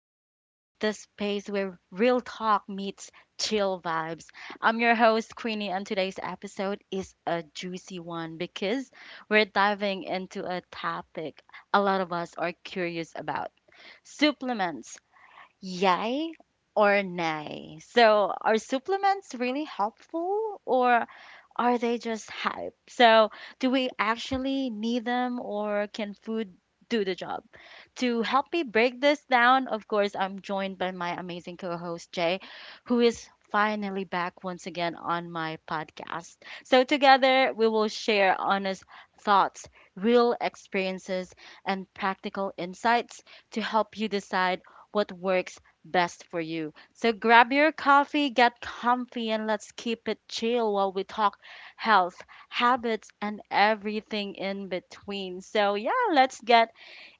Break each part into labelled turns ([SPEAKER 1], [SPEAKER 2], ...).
[SPEAKER 1] Queenie, the space where real talk meets chill vibes. I'm your host, Queenie, and today's episode is a juicy one because we're diving into a topic a lot of us are curious about supplements, yay or nay? So, are supplements really helpful or are they just hype? So, do we actually need them or can food do the job? To help me break this down, of course, I'm joined by my amazing co host, Jay, who is finally back once again on my podcast. So, together, we will share honest thoughts, real experiences, and practical insights to help you decide what works best for you. So grab your coffee, get comfy, and let's keep it chill while we talk health, habits, and everything in between. So, yeah, let's get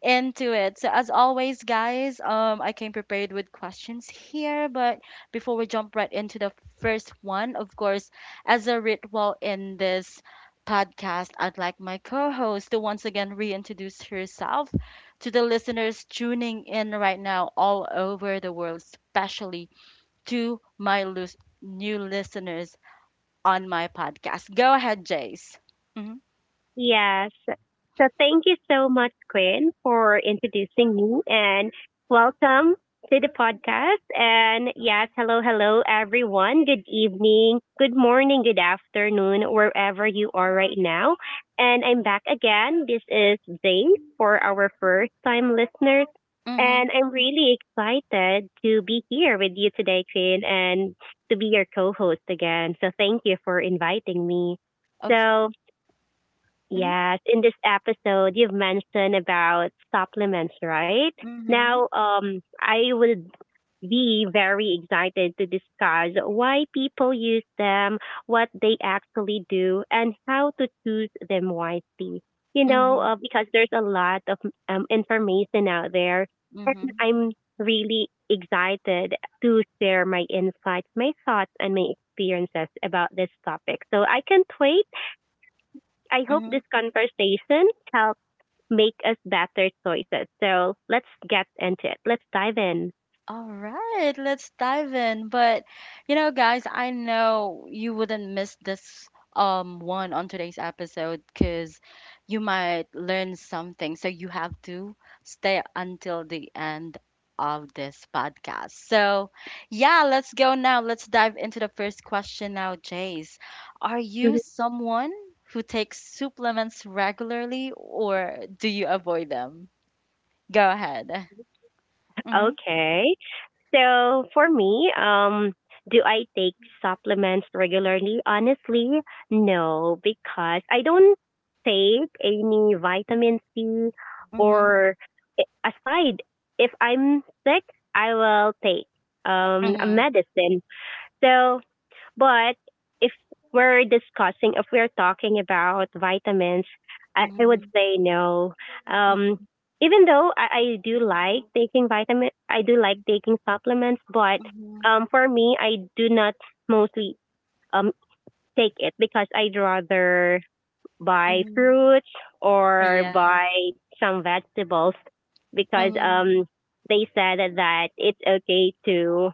[SPEAKER 1] into it. So, as always, guys, I came prepared with questions here, but before we jump right into the first one, of course, as a ritual in this podcast, I'd like my co host to once again reintroduce herself to the listeners tuning in right now all over the world, especially to my new listeners on my podcast. Go ahead, Jace. Mm-hmm.
[SPEAKER 2] Yes. So thank you so much, Quinn, for introducing me and welcome to the podcast. And yes, hello, hello, everyone. Good evening, good morning, good afternoon, wherever you are right now. And I'm back again. This is Zane for our first time listeners.
[SPEAKER 1] Mm-hmm.
[SPEAKER 2] And I'm really excited to be here with you today, Quinn, and to be your co host again. So thank you for inviting me.
[SPEAKER 1] Of
[SPEAKER 2] So,
[SPEAKER 1] Mm-hmm.
[SPEAKER 2] yes, in this episode, you've mentioned about supplements, right?
[SPEAKER 1] Mm-hmm.
[SPEAKER 2] Now, I would be very excited to discuss why people use them, what they actually do, and how to choose them wisely.
[SPEAKER 1] Mm-hmm.
[SPEAKER 2] Because there's a lot of information out there, and
[SPEAKER 1] Mm-hmm.
[SPEAKER 2] I'm really excited to share my insights, my thoughts, and my experiences about this topic. So I can't wait. I hope this conversation helps make us better choices. So let's get into it. Let's dive in.
[SPEAKER 1] All right, let's dive in. But you know, guys, I know you wouldn't miss this one on today's episode because you might learn something. So you have to stay until the end of this podcast. So yeah, let's go now. Let's dive into the first question now, Jace. Are you
[SPEAKER 2] Mhm.
[SPEAKER 1] someone who takes supplements regularly or do you avoid them? Go ahead. Mm-hmm.
[SPEAKER 2] Okay. So for me, do I take supplements regularly? Honestly, no, because I don't take any vitamin C
[SPEAKER 1] Mm-hmm.
[SPEAKER 2] or aside, if I'm sick, I will take a
[SPEAKER 1] Mm-hmm.
[SPEAKER 2] medicine. So. But if if we're talking about vitamins, I would
[SPEAKER 1] Mm-hmm.
[SPEAKER 2] say no. Um,
[SPEAKER 1] Mhm,
[SPEAKER 2] Even though I do like taking vitamin, I do like taking supplements, but
[SPEAKER 1] mhm,
[SPEAKER 2] for me, I do not mostly um take it because I'd rather buy
[SPEAKER 1] mhm.
[SPEAKER 2] fruits or
[SPEAKER 1] Ayan.
[SPEAKER 2] buy some vegetables, because
[SPEAKER 1] Mhm,
[SPEAKER 2] they said that it's okay to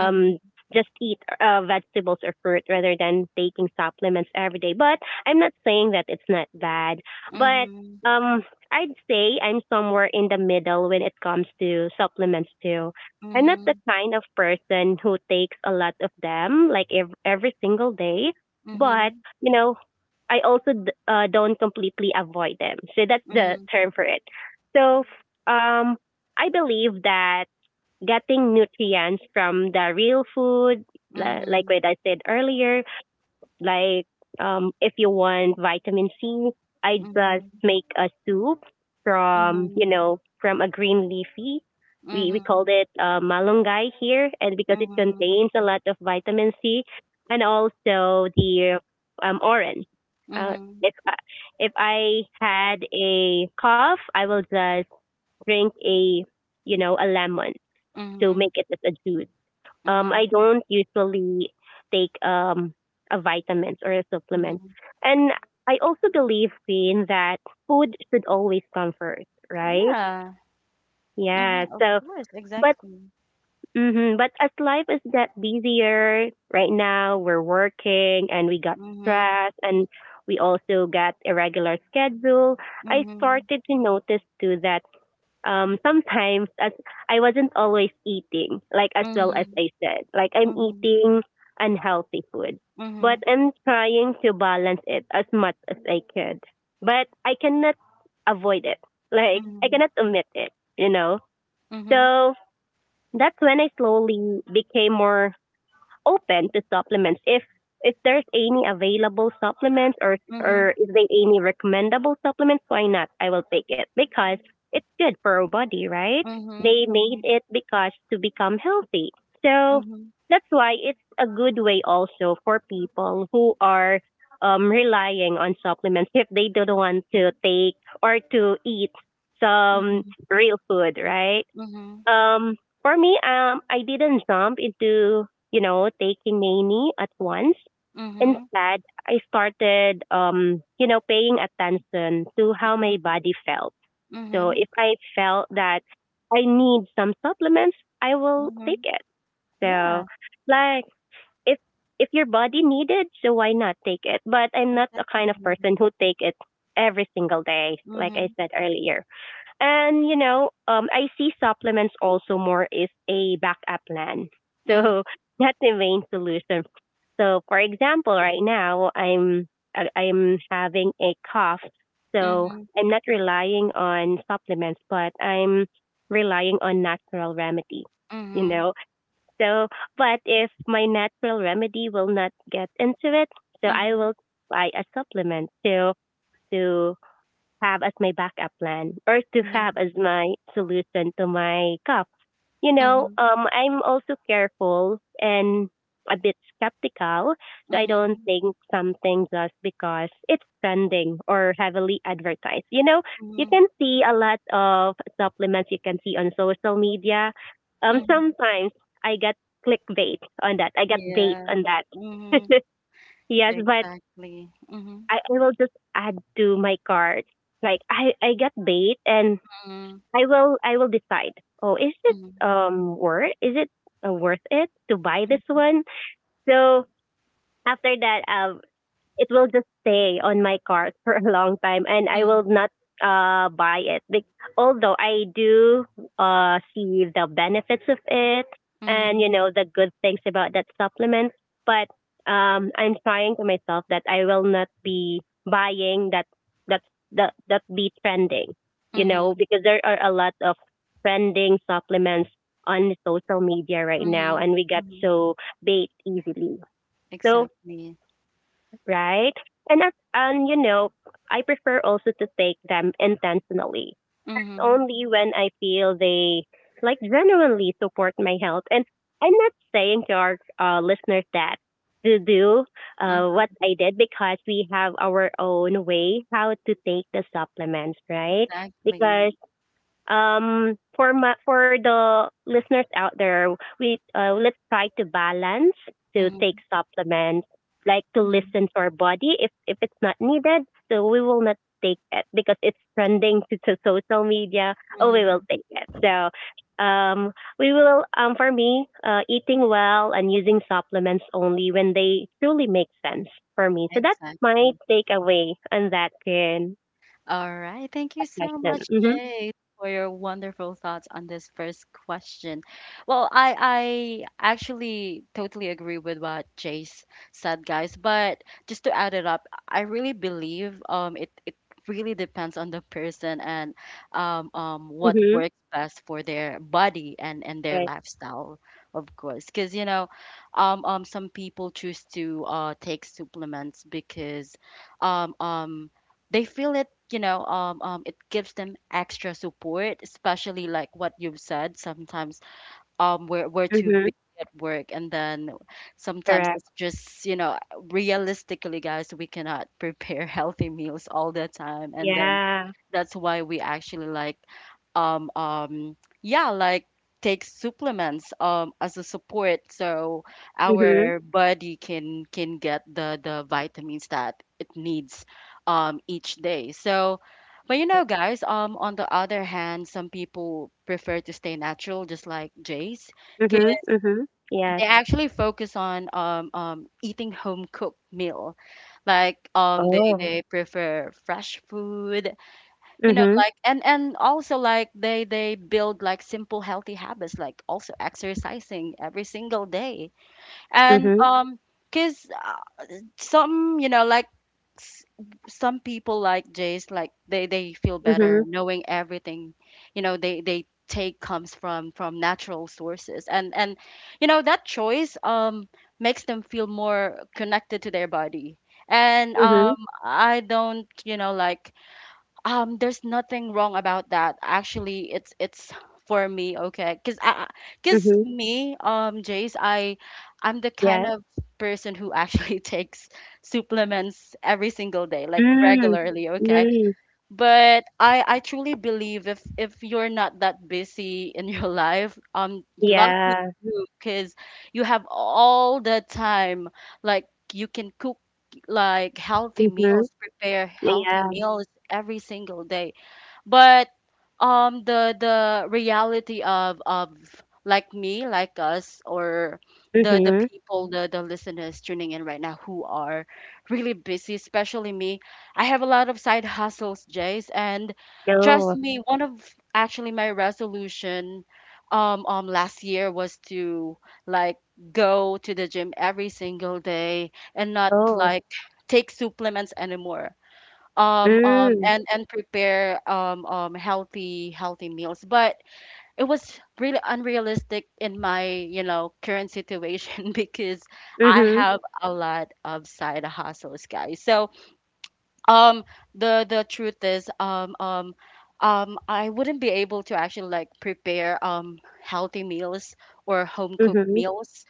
[SPEAKER 1] mhm,
[SPEAKER 2] just eat vegetables or fruit rather than taking supplements every day. But I'm not saying that it's not bad. But
[SPEAKER 1] mhm,
[SPEAKER 2] um, I'd say I'm somewhere in the middle when it comes to supplements too. I'm not the
[SPEAKER 1] mhm,
[SPEAKER 2] kind of person who takes a lot of them like every single day, but
[SPEAKER 1] mhm,
[SPEAKER 2] you know, I also don't completely avoid them. So that's the
[SPEAKER 1] mhm,
[SPEAKER 2] term for it. So um, I believe that getting nutrients from the real food, like
[SPEAKER 1] mhm,
[SPEAKER 2] what I said earlier, like if you want vitamin C, I just
[SPEAKER 1] mhm,
[SPEAKER 2] make a soup from, you
[SPEAKER 1] mhm,
[SPEAKER 2] know, from a green leafy. We
[SPEAKER 1] mhm,
[SPEAKER 2] called it malunggay here, and because it
[SPEAKER 1] mhm,
[SPEAKER 2] contains a lot of vitamin C, and also the orange. Uh,
[SPEAKER 1] mhm,
[SPEAKER 2] if I, if I had a cough, I will just drink a you know a lemon to
[SPEAKER 1] mhm,
[SPEAKER 2] make it as a juice.
[SPEAKER 1] mhm,
[SPEAKER 2] I don't usually take a vitamins or a supplement.
[SPEAKER 1] mhm.
[SPEAKER 2] And I also believe in that food should always come first, right?
[SPEAKER 1] Yeah.
[SPEAKER 2] Yeah.
[SPEAKER 1] Mhm, of
[SPEAKER 2] So,
[SPEAKER 1] course,
[SPEAKER 2] but
[SPEAKER 1] exactly.
[SPEAKER 2] but as life is got busier right now, we're working and we got
[SPEAKER 1] Mhm,
[SPEAKER 2] stress and we also got irregular schedule. I
[SPEAKER 1] mhm,
[SPEAKER 2] started to notice too that sometimes as I wasn't always eating, like as well as
[SPEAKER 1] mhm,
[SPEAKER 2] I said, like I'm
[SPEAKER 1] mhm, mhm,
[SPEAKER 2] eating unhealthy food, but
[SPEAKER 1] mhm,
[SPEAKER 2] I'm trying to balance it as much as I could. But I cannot avoid it. Like I
[SPEAKER 1] mhm,
[SPEAKER 2] cannot omit it, you know.
[SPEAKER 1] mhm,
[SPEAKER 2] So that's when I slowly became more open to supplements, if there's any available supplements, or
[SPEAKER 1] mhm,
[SPEAKER 2] or if they any recommendable supplements, why not? I will take it because it's good for our body, right? They made
[SPEAKER 1] mhm,
[SPEAKER 2] it because to become healthy, so
[SPEAKER 1] mhm,
[SPEAKER 2] that's why it's a good way also for people who are relying on supplements if they don't want to take or to eat some
[SPEAKER 1] mhm,
[SPEAKER 2] real food, right?
[SPEAKER 1] mhm,
[SPEAKER 2] um, for me, I didn't jump into, taking nanny at once.
[SPEAKER 1] mhm,
[SPEAKER 2] Instead, I started, paying attention to how
[SPEAKER 1] mhm,
[SPEAKER 2] my body felt. So
[SPEAKER 1] mhm.
[SPEAKER 2] if I felt that I need some supplements, I will take
[SPEAKER 1] Mhm.
[SPEAKER 2] it. So,
[SPEAKER 1] Yeah.
[SPEAKER 2] like, if if your body needed, so why not take it? But I'm not the kind of
[SPEAKER 1] Exactly.
[SPEAKER 2] person who take it every single day, like I
[SPEAKER 1] Mhm.
[SPEAKER 2] said earlier. And I see supplements also more as a backup plan,
[SPEAKER 1] Mhm.
[SPEAKER 2] so not the main solution. So, for example, right now I'm having a cough, so
[SPEAKER 1] Mhm.
[SPEAKER 2] I'm not relying on supplements, but I'm relying on natural remedy. You
[SPEAKER 1] Mhm.
[SPEAKER 2] know, so but if my natural remedy will not get into it, so I
[SPEAKER 1] Mhm.
[SPEAKER 2] will buy a supplement to have as my backup plan or to have
[SPEAKER 1] Mhm.
[SPEAKER 2] as my solution to my cup.
[SPEAKER 1] Mhm.
[SPEAKER 2] I'm also careful and a bit skeptical. So I don't
[SPEAKER 1] Mhm.
[SPEAKER 2] think something just because it's trending or heavily advertised. You
[SPEAKER 1] Mhm.
[SPEAKER 2] can see a lot of supplements you can see on social media.
[SPEAKER 1] Mhm.
[SPEAKER 2] Sometimes I get clickbait on that. I get bait
[SPEAKER 1] Yeah.
[SPEAKER 2] on that.
[SPEAKER 1] Mhm.
[SPEAKER 2] Yes, but
[SPEAKER 1] Exactly. Mhm.
[SPEAKER 2] I will just add to my cart. Like I get bait and
[SPEAKER 1] Mhm.
[SPEAKER 2] I will decide. Oh,
[SPEAKER 1] Mhm.
[SPEAKER 2] is it worth it to buy this
[SPEAKER 1] Mhm.
[SPEAKER 2] one? So after that, it will just stay on my cart for a long time and I will
[SPEAKER 1] Mhm.
[SPEAKER 2] not buy it. Although I do see the benefits of it and you
[SPEAKER 1] Mhm.
[SPEAKER 2] know the good things about that supplement, but I'm trying to myself that I will not be buying that that that be trending,
[SPEAKER 1] Mhm.
[SPEAKER 2] because there are a lot of trending supplements on social media right now
[SPEAKER 1] Mhm.
[SPEAKER 2] and we got
[SPEAKER 1] Mhm.
[SPEAKER 2] so bait easily. So,
[SPEAKER 1] Exactly.
[SPEAKER 2] right? And and I prefer also to take them intentionally,
[SPEAKER 1] Mhm.
[SPEAKER 2] only when I feel they like genuinely support my health. And I'm not saying to our listeners that to do
[SPEAKER 1] Mhm.
[SPEAKER 2] what I did, because we have our own way how to take the supplements, right?
[SPEAKER 1] Exactly.
[SPEAKER 2] Because for the listeners out there, we let's try to balance to take
[SPEAKER 1] Mhm.
[SPEAKER 2] supplements, like to
[SPEAKER 1] Mhm.
[SPEAKER 2] listen to our body if it's not needed. So we will not take it because it's trending to social media. Oh, we will
[SPEAKER 1] Mhm.
[SPEAKER 2] take it. So um we will for me eating well and using supplements only when they truly make sense for me, so that's my
[SPEAKER 1] Exactly.
[SPEAKER 2] takeaway on that, Ken,
[SPEAKER 1] All right. Thank you
[SPEAKER 2] that
[SPEAKER 1] so
[SPEAKER 2] question.
[SPEAKER 1] much,
[SPEAKER 2] Mhm.
[SPEAKER 1] Jay, for your wonderful thoughts on this first question. Well, I actually totally agree with what Jay said, guys. But just to add it up, I really believe it really depends on the person and what
[SPEAKER 2] Mhm.
[SPEAKER 1] works best for their body and their
[SPEAKER 2] Right.
[SPEAKER 1] lifestyle, of course. Because you know, some people choose to take supplements because um um they feel it you know it gives them extra support, especially like what you've said. Sometimes we're too
[SPEAKER 2] Mhm.
[SPEAKER 1] busy at work, and then sometimes
[SPEAKER 2] Correct.
[SPEAKER 1] it's just realistically, guys, we cannot prepare healthy meals all the time, and then
[SPEAKER 2] Yeah.
[SPEAKER 1] that's why we actually like um um yeah, like take supplements as a support, so
[SPEAKER 2] Mhm.
[SPEAKER 1] our body can get the vitamins that it needs each day. So, but you know, guys, on the other hand, some people prefer to stay natural, just like Jace, because
[SPEAKER 2] Mhm. Mhm. Yes.
[SPEAKER 1] they actually focus on eating home cooked meal. Like they
[SPEAKER 2] Oh.
[SPEAKER 1] they prefer fresh food, you know,
[SPEAKER 2] Mhm.
[SPEAKER 1] like, and also like they build like simple healthy habits, like also exercising every single day. and
[SPEAKER 2] Mhm.
[SPEAKER 1] um because some, you know, like, s- some people like Jace, like they feel better
[SPEAKER 2] Mhm.
[SPEAKER 1] knowing everything, you know, they take comes from natural sources, and you know that choice makes them feel more connected to their body. And
[SPEAKER 2] Mhm.
[SPEAKER 1] I don't, there's nothing wrong about that. Actually, it's for me, okay? 'Cause
[SPEAKER 2] Mhm.
[SPEAKER 1] me, Jace, I'm the kind
[SPEAKER 2] Yes.
[SPEAKER 1] of person who actually takes supplements every single day, like
[SPEAKER 2] Mm.
[SPEAKER 1] regularly, okay?
[SPEAKER 2] Mm.
[SPEAKER 1] But I truly believe, if you're not that busy in your life, lucky
[SPEAKER 2] Yeah.
[SPEAKER 1] you, because you have all the time. Like you can cook like healthy
[SPEAKER 2] Mhm.
[SPEAKER 1] meals, prepare healthy
[SPEAKER 2] Yeah.
[SPEAKER 1] meals every single day. But the reality of like me, like us, or the
[SPEAKER 2] Mhm.
[SPEAKER 1] people, the listeners tuning in right now who are really busy, especially me. I have a lot of side hustles, Jace, and trust
[SPEAKER 2] No.
[SPEAKER 1] me, one of actually, my resolution last year was to like go to the gym every single day and not
[SPEAKER 2] Oh.
[SPEAKER 1] like take supplements anymore,
[SPEAKER 2] Mm.
[SPEAKER 1] and prepare healthy meals. But it was really unrealistic in my, current situation because I
[SPEAKER 2] Mhm.
[SPEAKER 1] have a lot of side hustles, guys. So um the truth is, I wouldn't be able to actually like prepare healthy meals or home cooked
[SPEAKER 2] Mhm.
[SPEAKER 1] meals,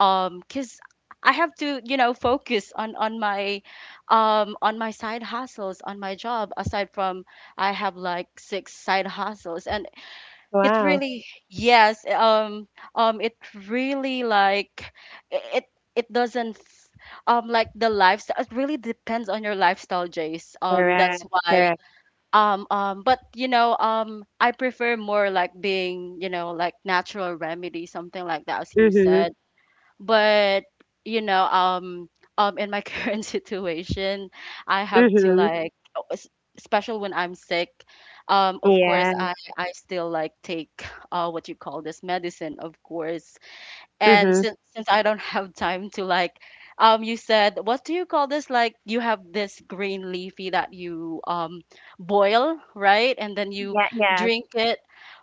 [SPEAKER 1] because I have to, focus on my, on my side hustles, on my job. Aside from, I have like six side hustles, and it
[SPEAKER 2] Wow.
[SPEAKER 1] really, yes, it really like it it doesn't like, the lifestyle, it really depends on your lifestyle, Jace, that's
[SPEAKER 2] Correct.
[SPEAKER 1] why,
[SPEAKER 2] Correct.
[SPEAKER 1] but I prefer more like being, like, natural remedy, something like that, as you
[SPEAKER 2] Mhm.
[SPEAKER 1] said. But you know, in my current situation, I have to
[SPEAKER 2] Mhm.
[SPEAKER 1] like, oh, especially when I'm sick, of course,
[SPEAKER 2] Yeah.
[SPEAKER 1] I still like take what you call this, medicine, of course. And
[SPEAKER 2] Mhm.
[SPEAKER 1] since I don't have time to like, you said, what do you call this? Like, you have this green leafy that you boil, right? And then you
[SPEAKER 2] Yeah. Yes.
[SPEAKER 1] drink it.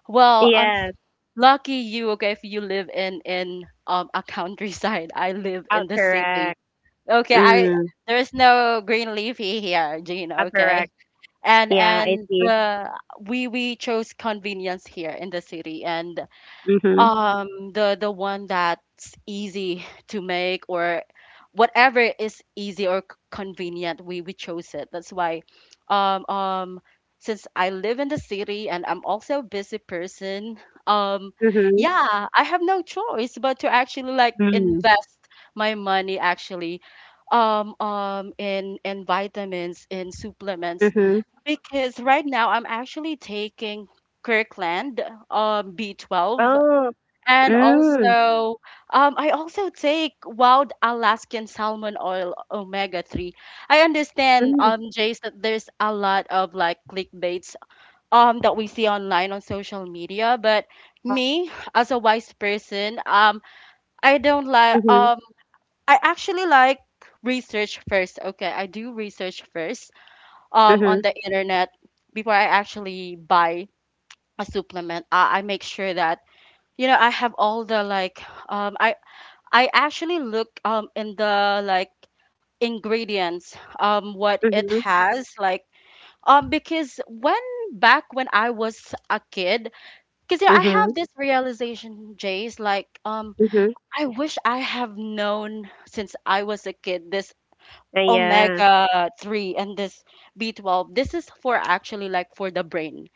[SPEAKER 1] Well,
[SPEAKER 2] Yes.
[SPEAKER 1] lucky you, okay, if you live in a countryside. I live in
[SPEAKER 2] Out.
[SPEAKER 1] the city.
[SPEAKER 2] Correct.
[SPEAKER 1] Okay, I
[SPEAKER 2] Mm.
[SPEAKER 1] there's no green leafy here, Jean,
[SPEAKER 2] Out.
[SPEAKER 1] okay?
[SPEAKER 2] Correct.
[SPEAKER 1] And
[SPEAKER 2] Yeah. I
[SPEAKER 1] and
[SPEAKER 2] see.
[SPEAKER 1] the, we chose convenience here in the city, and
[SPEAKER 2] Mhm.
[SPEAKER 1] the one that's easy to make, or whatever is easy or convenient, we chose it. That's why, um um since I live in the city and I'm also a busy person, um
[SPEAKER 2] Mhm.
[SPEAKER 1] yeah, I have no choice but to actually like
[SPEAKER 2] Mm.
[SPEAKER 1] invest my money, actually, in vitamins, in supplements.
[SPEAKER 2] Mhm.
[SPEAKER 1] Because right now I'm actually taking Kirkland, B12,
[SPEAKER 2] Oh.
[SPEAKER 1] and
[SPEAKER 2] Mm.
[SPEAKER 1] also, I also take wild Alaskan salmon oil omega-3. I understand,
[SPEAKER 2] Mm.
[SPEAKER 1] Jace, that there's a lot of like clickbaits that we see online on social media. But me, as a wise person, I don't like,
[SPEAKER 2] Mhm.
[SPEAKER 1] I actually like research first. Okay, I do research first on
[SPEAKER 2] Mhm.
[SPEAKER 1] the internet before I actually buy a supplement. I make sure that, I have all the like, um I I actually look, in the like ingredients, what it
[SPEAKER 2] Mhm.
[SPEAKER 1] has like, because when back when I was a kid, because yeah, I have
[SPEAKER 2] Mhm.
[SPEAKER 1] this realization, Jace, like,
[SPEAKER 2] Mhm.
[SPEAKER 1] I wish I have known since I was a kid this
[SPEAKER 2] Yeah.
[SPEAKER 1] omega 3 and this B12. This is for actually like for the brain.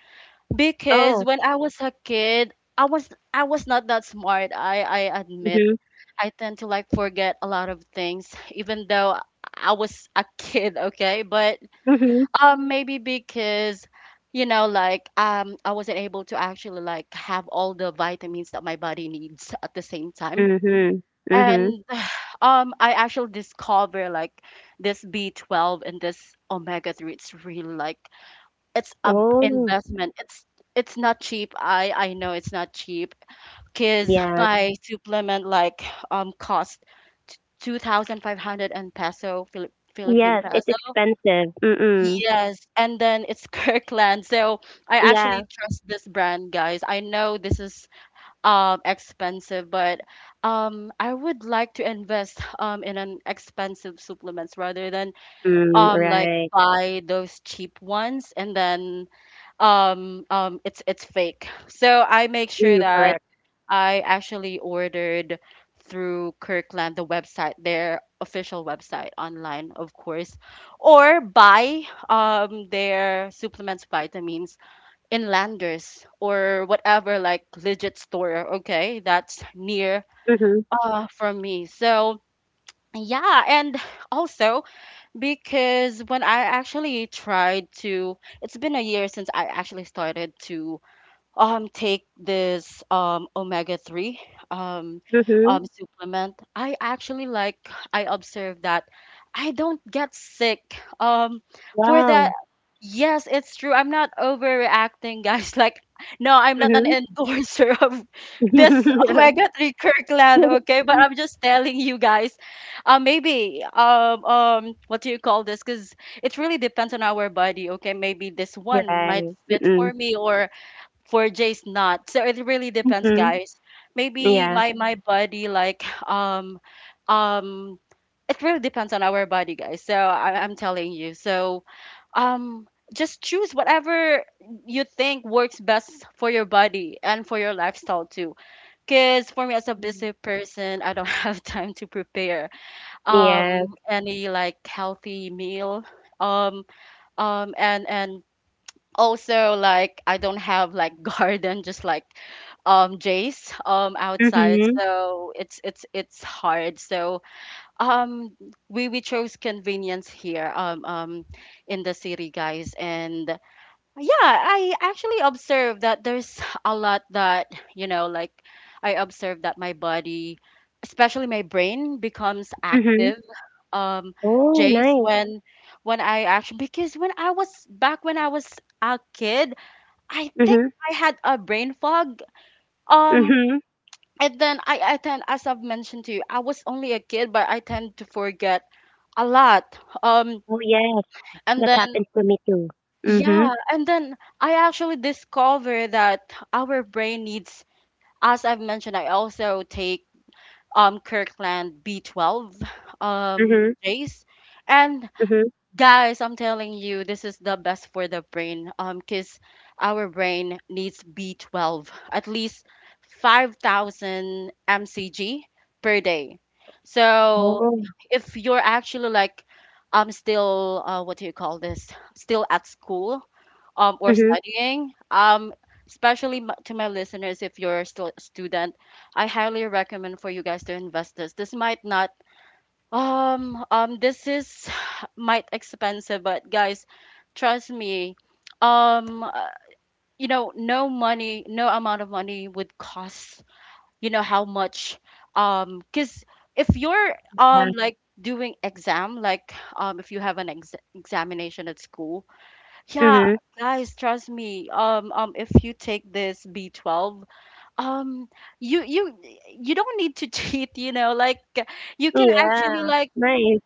[SPEAKER 1] Because
[SPEAKER 2] Oh.
[SPEAKER 1] when I was a kid, I was not that smart. I admit,
[SPEAKER 2] Mhm.
[SPEAKER 1] I tend to like forget a lot of things, even though I was a kid, okay? But
[SPEAKER 2] Mhm.
[SPEAKER 1] maybe because, I wasn't able to actually like have all the vitamins that my body needs at the same time.
[SPEAKER 2] Mhm. Mhm.
[SPEAKER 1] And I actually discover like this B12 and this omega 3, it's really like, it's a
[SPEAKER 2] Oh.
[SPEAKER 1] investment. It's not cheap. I know it's not cheap, because
[SPEAKER 2] Yes.
[SPEAKER 1] my supplement like cost 2,500 and peso Philippine
[SPEAKER 2] Yes, it's
[SPEAKER 1] peso.
[SPEAKER 2] expensive. Mm.
[SPEAKER 1] Yes, and then it's Kirkland. So I
[SPEAKER 2] Yeah.
[SPEAKER 1] actually trust this brand, guys. I know this is expensive, but I would like to invest in an expensive supplements rather than,
[SPEAKER 2] Mm.
[SPEAKER 1] like,
[SPEAKER 2] Right.
[SPEAKER 1] buy those cheap ones, and then it's fake. So I make sure
[SPEAKER 2] Mm.
[SPEAKER 1] that
[SPEAKER 2] Correct.
[SPEAKER 1] I actually ordered through Kirkland, the website, their official website online, of course, or buy, their supplements, vitamins, in Landers, or whatever, like legit store, okay, that's near,
[SPEAKER 2] Mhm.
[SPEAKER 1] from me. So, yeah, and also, because when I actually tried to, it's been a year since I actually started to take this, omega 3, um
[SPEAKER 2] Mhm.
[SPEAKER 1] supplement, I actually like, I observe that I don't get sick, for that.
[SPEAKER 2] Wow.
[SPEAKER 1] Yes, it's true, I'm not overreacting, guys, like, no, I'm not an
[SPEAKER 2] Mhm.
[SPEAKER 1] endorser of this omega 3 Kirkland, okay? But I'm just telling you, guys, maybe, what do you call this? Because it really depends on our body. Okay, maybe this one might
[SPEAKER 2] Right.
[SPEAKER 1] fit for
[SPEAKER 2] Mm.
[SPEAKER 1] me or for Jay's not. So it really depends,
[SPEAKER 2] Mhm.
[SPEAKER 1] guys. Maybe
[SPEAKER 2] Yeah.
[SPEAKER 1] my body, like, um it really depends on our body, guys. So I'm telling you. So um just choose whatever you think works best for your body and for your lifestyle too. Cause for me as a
[SPEAKER 2] Mm.
[SPEAKER 1] busy person, I don't have time to prepare
[SPEAKER 2] Yes.
[SPEAKER 1] any like healthy meal. Um and also like I don't have like garden just like Jace outside,
[SPEAKER 2] Mhm.
[SPEAKER 1] so it's hard. So um we chose convenience here in the city, guys. And yeah, I actually observed that there's a lot that, you know, like I observed that my body, especially my brain, becomes
[SPEAKER 2] Mhm.
[SPEAKER 1] active. Um,
[SPEAKER 2] Oh,
[SPEAKER 1] Jace,
[SPEAKER 2] nice.
[SPEAKER 1] when I actually because when I was back when I was a kid, I think
[SPEAKER 2] Mm-hmm.
[SPEAKER 1] I had a brain fog. Um,
[SPEAKER 2] Mhm.
[SPEAKER 1] and then I tend, as I've mentioned to you, I was only a kid, but I tend to forget a lot.
[SPEAKER 2] Oh, yes.
[SPEAKER 1] And
[SPEAKER 2] That
[SPEAKER 1] then
[SPEAKER 2] happens to me too. Mhm.
[SPEAKER 1] Yeah, and then I actually discovered that our brain needs, as I've mentioned, I also take Kirkland B12
[SPEAKER 2] Mhm.
[SPEAKER 1] days. And
[SPEAKER 2] Mhm.
[SPEAKER 1] guys, I'm telling you, this is the best for the brain because our brain needs B12 at least 5,000 mcg per day. So
[SPEAKER 2] Oh.
[SPEAKER 1] if you're actually like still what do you call this? Still at school, or
[SPEAKER 2] Mhm.
[SPEAKER 1] studying, especially to my listeners, if you're still a student, I highly recommend for you guys to invest this. This might not, This is might expensive, but guys, trust me, um, uh, you know, no money, no amount of money would cost, you know, how much, because if you're,
[SPEAKER 2] Yeah.
[SPEAKER 1] like doing exam, like, if you have an examination at school. Yeah,
[SPEAKER 2] Mhm.
[SPEAKER 1] guys, trust me. If you take this B12, um, you you you don't need to cheat, you know, like you can actually
[SPEAKER 2] Yeah.
[SPEAKER 1] like
[SPEAKER 2] Nice.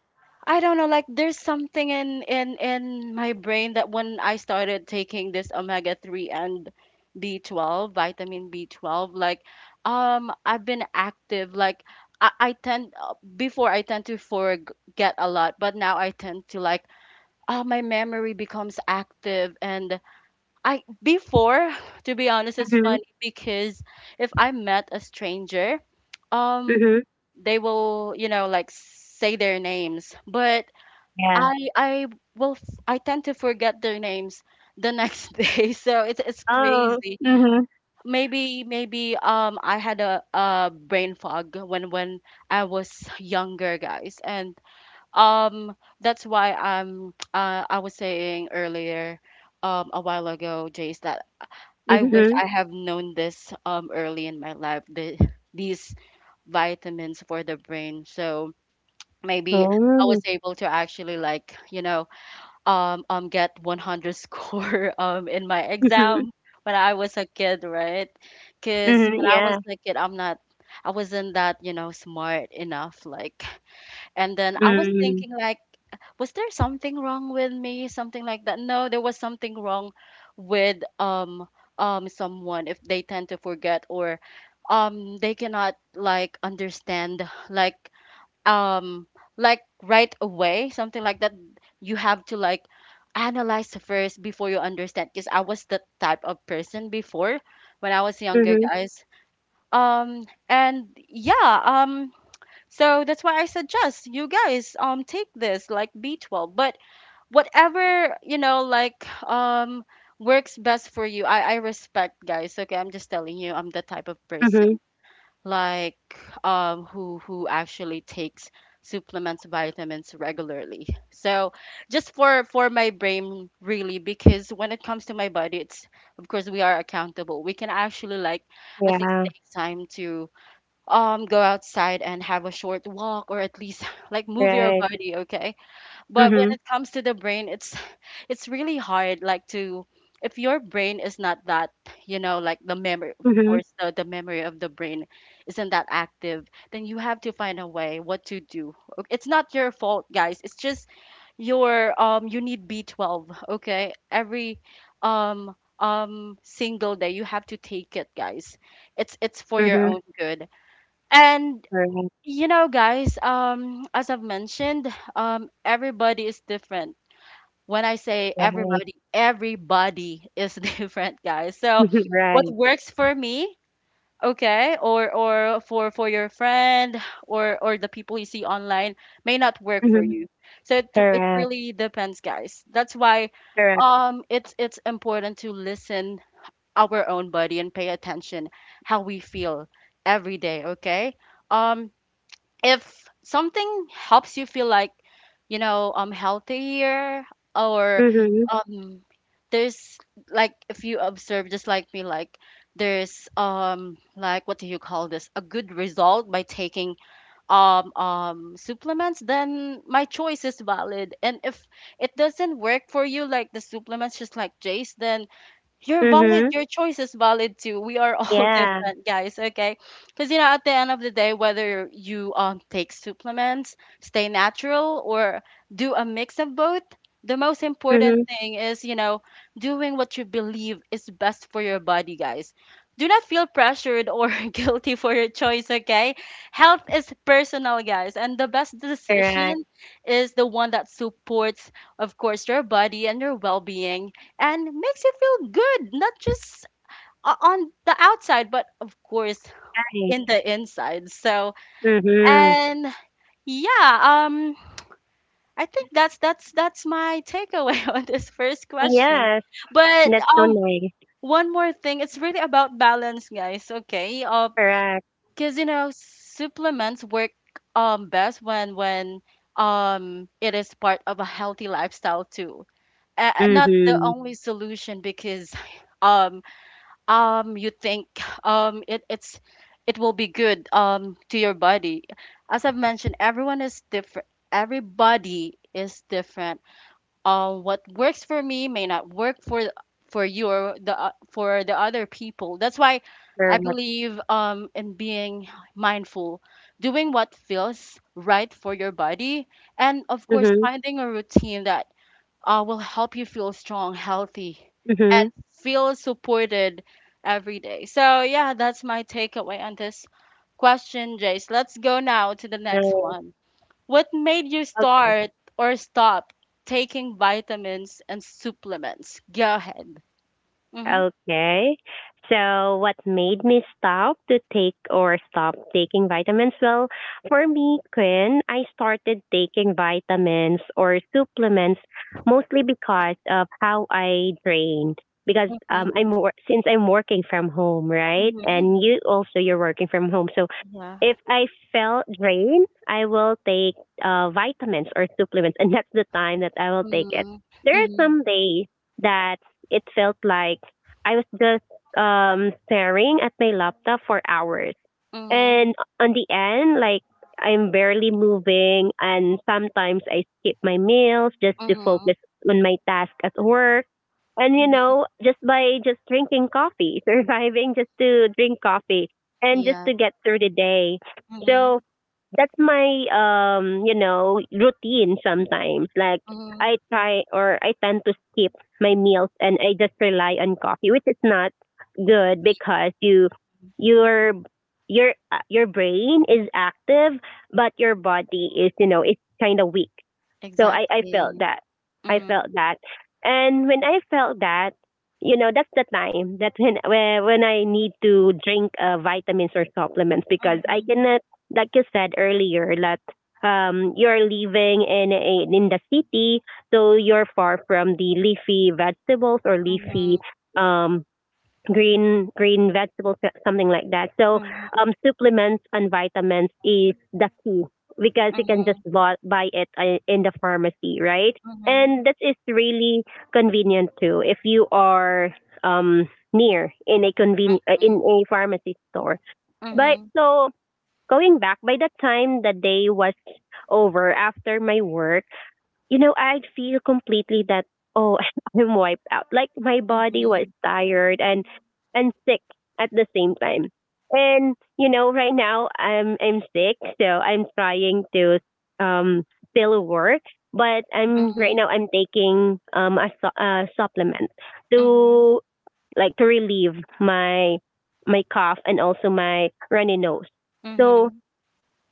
[SPEAKER 1] I don't know, like there's something in my brain that when I started taking this omega 3 and B12, vitamin B12, like I've been active, like I tend to forget a lot, but now I tend to like my memory becomes active. And I before, to be honest, it's
[SPEAKER 2] Mhm.
[SPEAKER 1] funny because if I met a stranger, um,
[SPEAKER 2] Mhm.
[SPEAKER 1] they will, you know, like say their names, but
[SPEAKER 2] Yeah.
[SPEAKER 1] I I I tend to forget their names the next day, so it's
[SPEAKER 2] Oh.
[SPEAKER 1] crazy.
[SPEAKER 2] Mhm.
[SPEAKER 1] Maybe I had a brain fog when I was younger, guys. And that's why I'm I was saying earlier a while ago, Jace, that I wish
[SPEAKER 2] Mhm.
[SPEAKER 1] I have known this early in my life, these vitamins for the brain. So maybe I was
[SPEAKER 2] Oh.
[SPEAKER 1] able to actually like, you know, get 100 score in my
[SPEAKER 2] Mhm.
[SPEAKER 1] exam when I was a kid, right? Because
[SPEAKER 2] Mm-hmm.
[SPEAKER 1] when I was
[SPEAKER 2] Yeah.
[SPEAKER 1] a kid, I wasn't that, you know, smart enough, like. And then I was
[SPEAKER 2] Mhm.
[SPEAKER 1] thinking like, was there something wrong with me? Something like that. No, there was something wrong with someone if they tend to forget, or they cannot like understand, um like right away, something like that. You have to like analyze first before you understand, because I was that type of person before, when I was younger,
[SPEAKER 2] Mhm.
[SPEAKER 1] guys. Um and Yeah, so that's why I suggest you guys take this like B12. But whatever, you know, like works best for you. I respect, guys. Okay, I'm just telling you, I'm the type of person,
[SPEAKER 2] Mhm.
[SPEAKER 1] like who actually takes supplements, vitamins regularly. So just for my brain really, because when it comes to my body, it's, of course, we are accountable. We can actually like at least
[SPEAKER 2] Yeah.
[SPEAKER 1] take time to go outside and have a short walk, or at least like move your
[SPEAKER 2] Right.
[SPEAKER 1] body, okay? But when
[SPEAKER 2] Mhm.
[SPEAKER 1] it comes to the brain, it's it's really hard, like to if your brain is not that, you know, like the memory, of
[SPEAKER 2] Mhm.
[SPEAKER 1] course, the memory of the brain isn't that active, then you have to find a way what to do. It's not your fault, guys, it's just your you need B12, okay? Every um single day you have to take it, guys. It's for your own good. And
[SPEAKER 2] Mhm.
[SPEAKER 1] you know, guys, as I've mentioned, everybody is different. When I say
[SPEAKER 2] Correct. Right.
[SPEAKER 1] everybody, everybody is different, guys. So
[SPEAKER 2] Mhm.
[SPEAKER 1] what
[SPEAKER 2] Right.
[SPEAKER 1] works for me, okay, or for your friend, or the people you see online may not work for
[SPEAKER 2] Mhm.
[SPEAKER 1] you. So it
[SPEAKER 2] Correct.
[SPEAKER 1] really depends, guys. That's why
[SPEAKER 2] Correct.
[SPEAKER 1] it's important to listen our own body and pay attention how we feel every day, okay? Um if something helps you feel like you know healthier, or
[SPEAKER 2] Mhm.
[SPEAKER 1] um there's, like if you observe just like me, like there's like what do you call this, a good result by taking supplements, then my choice is valid. And if it doesn't work for you like the supplements, just like Jace, then you're valid.
[SPEAKER 2] Mhm.
[SPEAKER 1] Your choice is valid too. We are all
[SPEAKER 2] Yeah.
[SPEAKER 1] different, guys. Okay, because you know, at the end of the day, whether you take supplements, stay natural, or do a mix of both, the most important
[SPEAKER 2] Mhm.
[SPEAKER 1] thing is you know doing what you believe is best for your body, guys. Do not feel pressured or guilty for your choice. Okay, health is personal, guys, and the best
[SPEAKER 2] Correct.
[SPEAKER 1] decision is the one that supports, of course, your body and your well-being, and makes you feel good, not just on the outside, but of course
[SPEAKER 2] Right.
[SPEAKER 1] in the inside. So,
[SPEAKER 2] Mhm.
[SPEAKER 1] and yeah, um, I think that's my takeaway on this first question.
[SPEAKER 2] Yes,
[SPEAKER 1] But
[SPEAKER 2] that's so
[SPEAKER 1] um,
[SPEAKER 2] nice.
[SPEAKER 1] one more thing, it's really about balance, guys. Okay,
[SPEAKER 2] Correct.
[SPEAKER 1] because you know supplements work best when it is part of a healthy lifestyle too. Not the
[SPEAKER 2] Mhm.
[SPEAKER 1] only solution, because um you think um it it's it will be good to your body. As I've mentioned, everyone is different, everybody is different. What works for me may not work for for you, or for the other people. That's why I
[SPEAKER 2] Correct.
[SPEAKER 1] believe in being mindful, doing what feels right for your body, and of course
[SPEAKER 2] Mhm.
[SPEAKER 1] finding a routine that will help you feel strong, healthy, and
[SPEAKER 2] Mhm.
[SPEAKER 1] feel supported every day. So, yeah, that's my takeaway on this question, Jace. Let's go now to the next
[SPEAKER 2] No.
[SPEAKER 1] one. What made you start or stop taking vitamins and supplements? Go ahead. Mm-hmm.
[SPEAKER 2] Okay. So, what made me stop to take or stop taking vitamins? Well, for me, Quinn, I started taking vitamins or supplements mostly because of how I drain. Because
[SPEAKER 1] Mm-hmm.
[SPEAKER 2] since I'm working from home, right?
[SPEAKER 1] Mm-hmm.
[SPEAKER 2] And you also, you're working from home, so
[SPEAKER 1] Yeah.
[SPEAKER 2] if I felt drained, I will take vitamins or supplements, and that's the time that I will take it.
[SPEAKER 1] Mm-hmm.
[SPEAKER 2] There are
[SPEAKER 1] Mm-hmm.
[SPEAKER 2] some days that it felt like I was just staring at my laptop for hours.
[SPEAKER 1] Mm-hmm.
[SPEAKER 2] And on the end, like, I'm barely moving, and sometimes I skip my meals just to
[SPEAKER 1] Mm-hmm.
[SPEAKER 2] focus on my task at work. And,
[SPEAKER 1] Mm-hmm.
[SPEAKER 2] just by just drinking coffee, surviving just to drink coffee and just
[SPEAKER 1] Yeah.
[SPEAKER 2] to get through the day.
[SPEAKER 1] Mm-hmm.
[SPEAKER 2] So that's my routine sometimes, like
[SPEAKER 1] Mm-hmm.
[SPEAKER 2] I try or I tend to skip my meals and I just rely on coffee, which is not good
[SPEAKER 1] Yeah.
[SPEAKER 2] because your your brain is active but your body is, it's kind of weak. So I felt
[SPEAKER 1] Exactly.
[SPEAKER 2] that. I
[SPEAKER 1] Mm-hmm.
[SPEAKER 2] felt that. And when I felt that, that's the time that when I need to drink vitamins or supplements, because I
[SPEAKER 1] Mm-hmm.
[SPEAKER 2] cannot, like you said earlier, that you're living in the city, so you're far from the leafy vegetables or leafy
[SPEAKER 1] Mm-hmm.
[SPEAKER 2] um, green vegetables, something like that. So
[SPEAKER 1] Mhm,
[SPEAKER 2] supplements and vitamins is the key, because you can just
[SPEAKER 1] mhm,
[SPEAKER 2] buy it in the pharmacy, right?
[SPEAKER 1] mhm,
[SPEAKER 2] And that is really convenient too, if you are um near in a conven- uh, in
[SPEAKER 1] mhm,
[SPEAKER 2] a pharmacy store. But
[SPEAKER 1] mhm,
[SPEAKER 2] so going back, by the time the day was over after my work, I'd feel completely that oh, I'm wiped out. Like my body was
[SPEAKER 1] mhm,
[SPEAKER 2] tired and sick at the same time. And right now I'm sick, so I'm trying to um still work, but I'm right
[SPEAKER 1] mhm,
[SPEAKER 2] now I'm taking a supplement
[SPEAKER 1] mhm,
[SPEAKER 2] to to relieve my cough and also my runny nose. So
[SPEAKER 1] mhm,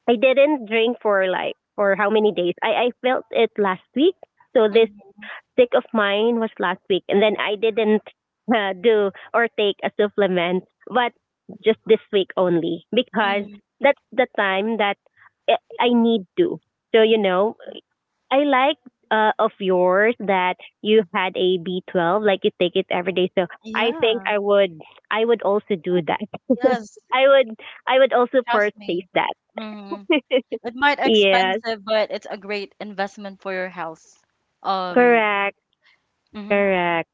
[SPEAKER 2] I didn't drink for like for how many days. I felt it last week. So this
[SPEAKER 1] mhm,
[SPEAKER 2] sick of mine was last week, and then I didn't do or take a supplement, but just this week only because
[SPEAKER 1] mhm.
[SPEAKER 2] that's the time that I I need to. So you know, I like of yours that you had a B12, like you take it every day. So I think
[SPEAKER 1] Yeah,
[SPEAKER 2] I would also do that.
[SPEAKER 1] yes,
[SPEAKER 2] I would I would also
[SPEAKER 1] trust
[SPEAKER 2] purchase
[SPEAKER 1] me.
[SPEAKER 2] that.
[SPEAKER 1] Mhm. It might
[SPEAKER 2] Yeah.
[SPEAKER 1] expensive, but it's a great investment for your health. Um,
[SPEAKER 2] Correct,
[SPEAKER 1] mhm,
[SPEAKER 2] correct.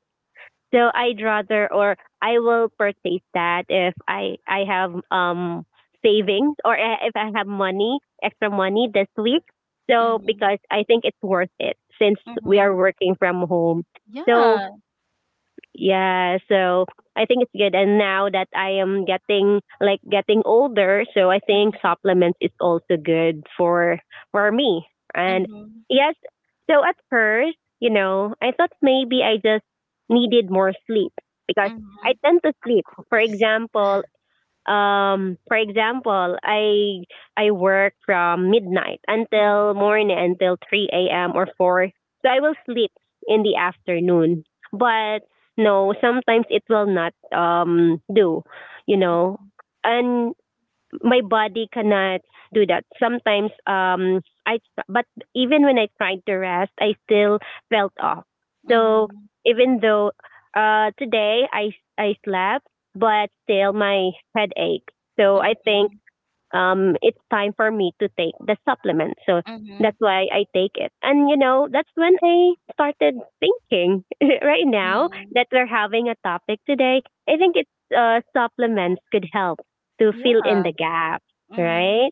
[SPEAKER 2] So I'd rather or I will purchase that if I have savings or if I have money, extra money this week. So
[SPEAKER 1] mhm,
[SPEAKER 2] because I think it's worth it since we are
[SPEAKER 1] mhm.
[SPEAKER 2] working from home. So
[SPEAKER 1] Yeah.
[SPEAKER 2] yeah, so I think it's good. And now that I am getting like getting older, so I think
[SPEAKER 1] Mhm,
[SPEAKER 2] supplements is also good for me. And
[SPEAKER 1] mhm,
[SPEAKER 2] yes, so at first, you know, I thought maybe I just needed more sleep because I
[SPEAKER 1] mhm.
[SPEAKER 2] tend to
[SPEAKER 1] Of
[SPEAKER 2] sleep. For
[SPEAKER 1] course.
[SPEAKER 2] example, um for example i I work from midnight
[SPEAKER 1] Mhm,
[SPEAKER 2] until morning until 3 a.m or 4, so I will sleep in the afternoon. But no, sometimes it will not do, you know, and my body cannot do that. Sometimes I but even when I tried to rest, I still felt off. So
[SPEAKER 1] mhm,
[SPEAKER 2] even though today I slept, but still my head ached. So I think
[SPEAKER 1] mhm,
[SPEAKER 2] it's time for me to take the supplement. So
[SPEAKER 1] mhm,
[SPEAKER 2] that's why I take it. And you know, that's when I started thinking right now
[SPEAKER 1] mhm.
[SPEAKER 2] that we're having a topic today. I think it's supplements could help to fill in
[SPEAKER 1] Yeah.
[SPEAKER 2] the gap,
[SPEAKER 1] Mhm,
[SPEAKER 2] right?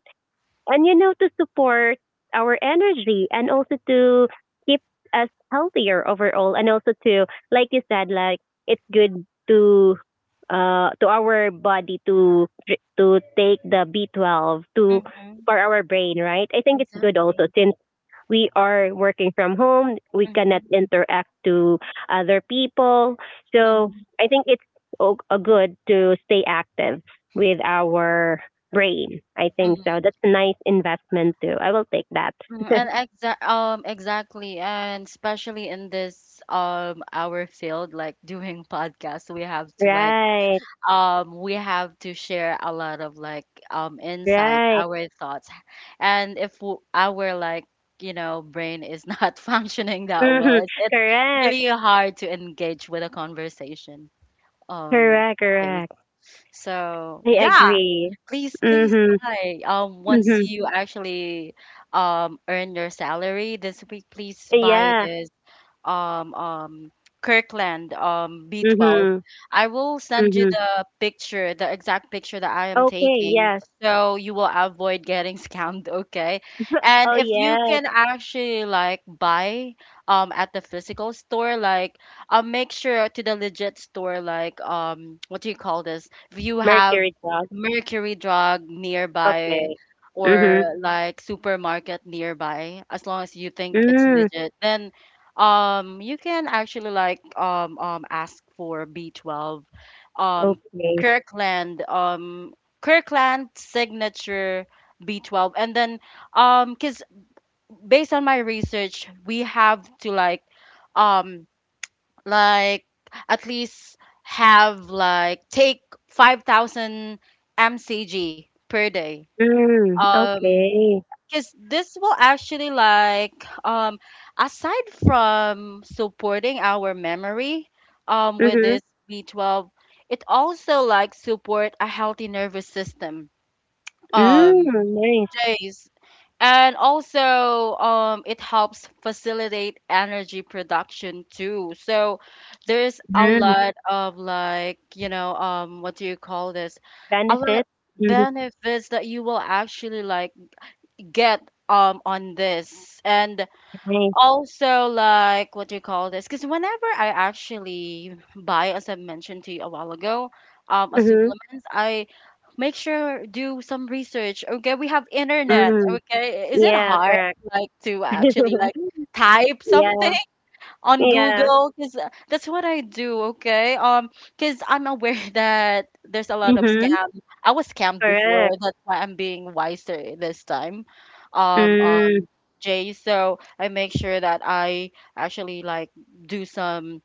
[SPEAKER 2] And you know, to support our energy and also to keep us healthier overall, and also to, like you said, like it's good to our body to take the B12 to
[SPEAKER 1] mhm.
[SPEAKER 2] for our brain, right? I think it's good also
[SPEAKER 1] Exactly.
[SPEAKER 2] since we are working from home. We cannot interact to other people. So
[SPEAKER 1] Mhm,
[SPEAKER 2] I think it's a good to stay active with our brain. I think
[SPEAKER 1] mhm,
[SPEAKER 2] so. That's a nice investment too. I will take that.
[SPEAKER 1] mhm. And exactly, and especially in this our field, like doing podcasts, we have to like
[SPEAKER 2] Right.
[SPEAKER 1] we have to share a lot of like insights,
[SPEAKER 2] Right.
[SPEAKER 1] our thoughts. And if w our like, you know, brain is not functioning that well,
[SPEAKER 2] Mhm.
[SPEAKER 1] it's
[SPEAKER 2] Correct.
[SPEAKER 1] really hard to engage with a conversation, um
[SPEAKER 2] Correct.
[SPEAKER 1] Jace.
[SPEAKER 2] Correct.
[SPEAKER 1] So
[SPEAKER 2] I
[SPEAKER 1] yeah,
[SPEAKER 2] agree.
[SPEAKER 1] please, please
[SPEAKER 2] Mhm.
[SPEAKER 1] buy. Once
[SPEAKER 2] Mhm.
[SPEAKER 1] you actually earn your salary this week, please buy
[SPEAKER 2] Yeah.
[SPEAKER 1] this um um Kirkland B12.
[SPEAKER 2] Mhm.
[SPEAKER 1] I will send you
[SPEAKER 2] Mhm.
[SPEAKER 1] the picture, the exact picture that I am
[SPEAKER 2] Okay.
[SPEAKER 1] taking,
[SPEAKER 2] Yes.
[SPEAKER 1] so you will avoid getting scammed, okay? And
[SPEAKER 2] Oh
[SPEAKER 1] if you
[SPEAKER 2] yes.
[SPEAKER 1] can actually like buy at the physical store, like make sure to the legit store, like what do you call this? If you have
[SPEAKER 2] Mercury dog.
[SPEAKER 1] Mercury Drug nearby
[SPEAKER 2] Okay.
[SPEAKER 1] or
[SPEAKER 2] Mhm.
[SPEAKER 1] like supermarket nearby, as long as you think it's
[SPEAKER 2] Mm.
[SPEAKER 1] legit, then you can actually like ask for B12, um,
[SPEAKER 2] Okay.
[SPEAKER 1] Kirkland, Kirkland signature B12, and then cause based on my research, we have to um like at least have like take 5,000 mcg per day.
[SPEAKER 2] Mm,
[SPEAKER 1] Um,
[SPEAKER 2] okay.
[SPEAKER 1] because this will actually like um aside from supporting our memory with
[SPEAKER 2] Mm-hmm.
[SPEAKER 1] this B12, it also like support a healthy nervous system,
[SPEAKER 2] Mm,
[SPEAKER 1] um
[SPEAKER 2] nice.
[SPEAKER 1] Jays, and also it helps facilitate energy production too. So there's a
[SPEAKER 2] Mm,
[SPEAKER 1] lot of like you know what do you call this, a lot
[SPEAKER 2] benefits. Mm,
[SPEAKER 1] benefits that you will actually like get on this. And
[SPEAKER 2] nice.
[SPEAKER 1] also like what do you call this, because whenever I actually buy, as I mentioned to you a while ago, a
[SPEAKER 2] Mm-hmm.
[SPEAKER 1] supplements, I make sure do some research, okay? We have internet,
[SPEAKER 2] Mm.
[SPEAKER 1] okay? Is it
[SPEAKER 2] Yeah,
[SPEAKER 1] hard
[SPEAKER 2] correct.
[SPEAKER 1] like to actually like type something
[SPEAKER 2] yeah.
[SPEAKER 1] on
[SPEAKER 2] Yeah.
[SPEAKER 1] Google? Because that's what I do, okay? Because I'm aware that there's a lot of
[SPEAKER 2] Mm-hmm.
[SPEAKER 1] scam. I was scammed before,
[SPEAKER 2] Correct.
[SPEAKER 1] that's why I'm being wiser this time. Um, um,
[SPEAKER 2] Mm.
[SPEAKER 1] Jay, so I make sure that I actually like do some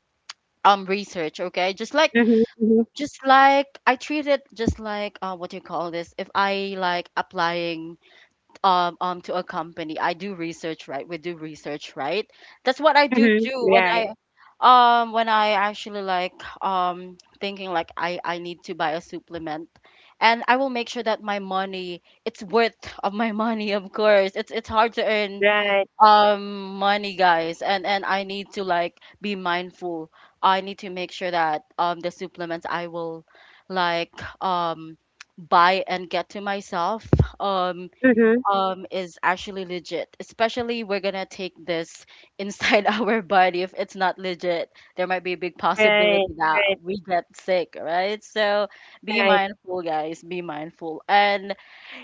[SPEAKER 1] research, okay? Just like
[SPEAKER 2] Mm-hmm. Mm-hmm.
[SPEAKER 1] just like I treat it just like what do you call this? If I like applying to a company, I do research, right? We do research, right? That's what I do
[SPEAKER 2] Mm-hmm.
[SPEAKER 1] too when
[SPEAKER 2] Right.
[SPEAKER 1] I actually like thinking like I need to buy a supplement, and I will make sure that my money it's worth of my money. Of course it's hard to earn
[SPEAKER 2] Right.
[SPEAKER 1] money, guys, and I need to like be mindful. I need to make sure that the supplements I will like um buy and get to myself um
[SPEAKER 2] Mm-hmm.
[SPEAKER 1] is actually legit. Especially we're gonna take this inside our body. If it's not legit, there might be a big
[SPEAKER 2] Right.
[SPEAKER 1] possibility that
[SPEAKER 2] Right.
[SPEAKER 1] we get sick, right? So be
[SPEAKER 2] Right.
[SPEAKER 1] mindful, guys. Be mindful. And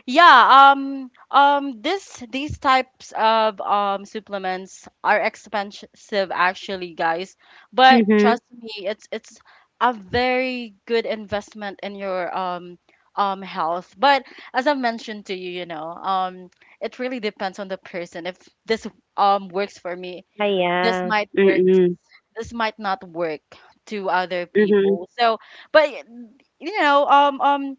[SPEAKER 1] yeah, this these types of supplements are expensive actually, guys. But
[SPEAKER 2] Mm-hmm.
[SPEAKER 1] trust me, it's a very good investment in your health. But as I mentioned to you, you know, it really depends on the person. If this works for me,
[SPEAKER 2] Ah,
[SPEAKER 1] this
[SPEAKER 2] yeah.
[SPEAKER 1] might work
[SPEAKER 2] Mm-mm.
[SPEAKER 1] this might not work to other
[SPEAKER 2] Mm-hmm.
[SPEAKER 1] people. So, but you know, um, um,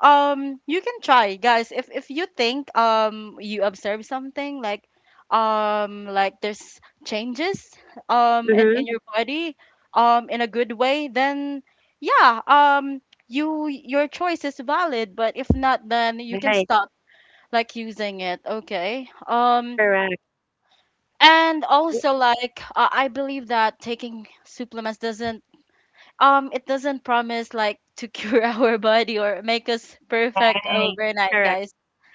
[SPEAKER 1] um, you can try, guys. If you think you observe something like there's changes in
[SPEAKER 2] Mm-hmm.
[SPEAKER 1] your body in a good way, then yeah, you your choice is valid. But if not, then you can
[SPEAKER 2] Right.
[SPEAKER 1] stop like using it. Okay.
[SPEAKER 2] Correct.
[SPEAKER 1] And also, like, I believe that taking supplements doesn't it doesn't promise like to cure our body or make us perfect
[SPEAKER 2] Right.
[SPEAKER 1] overnight,
[SPEAKER 2] Correct.
[SPEAKER 1] guys.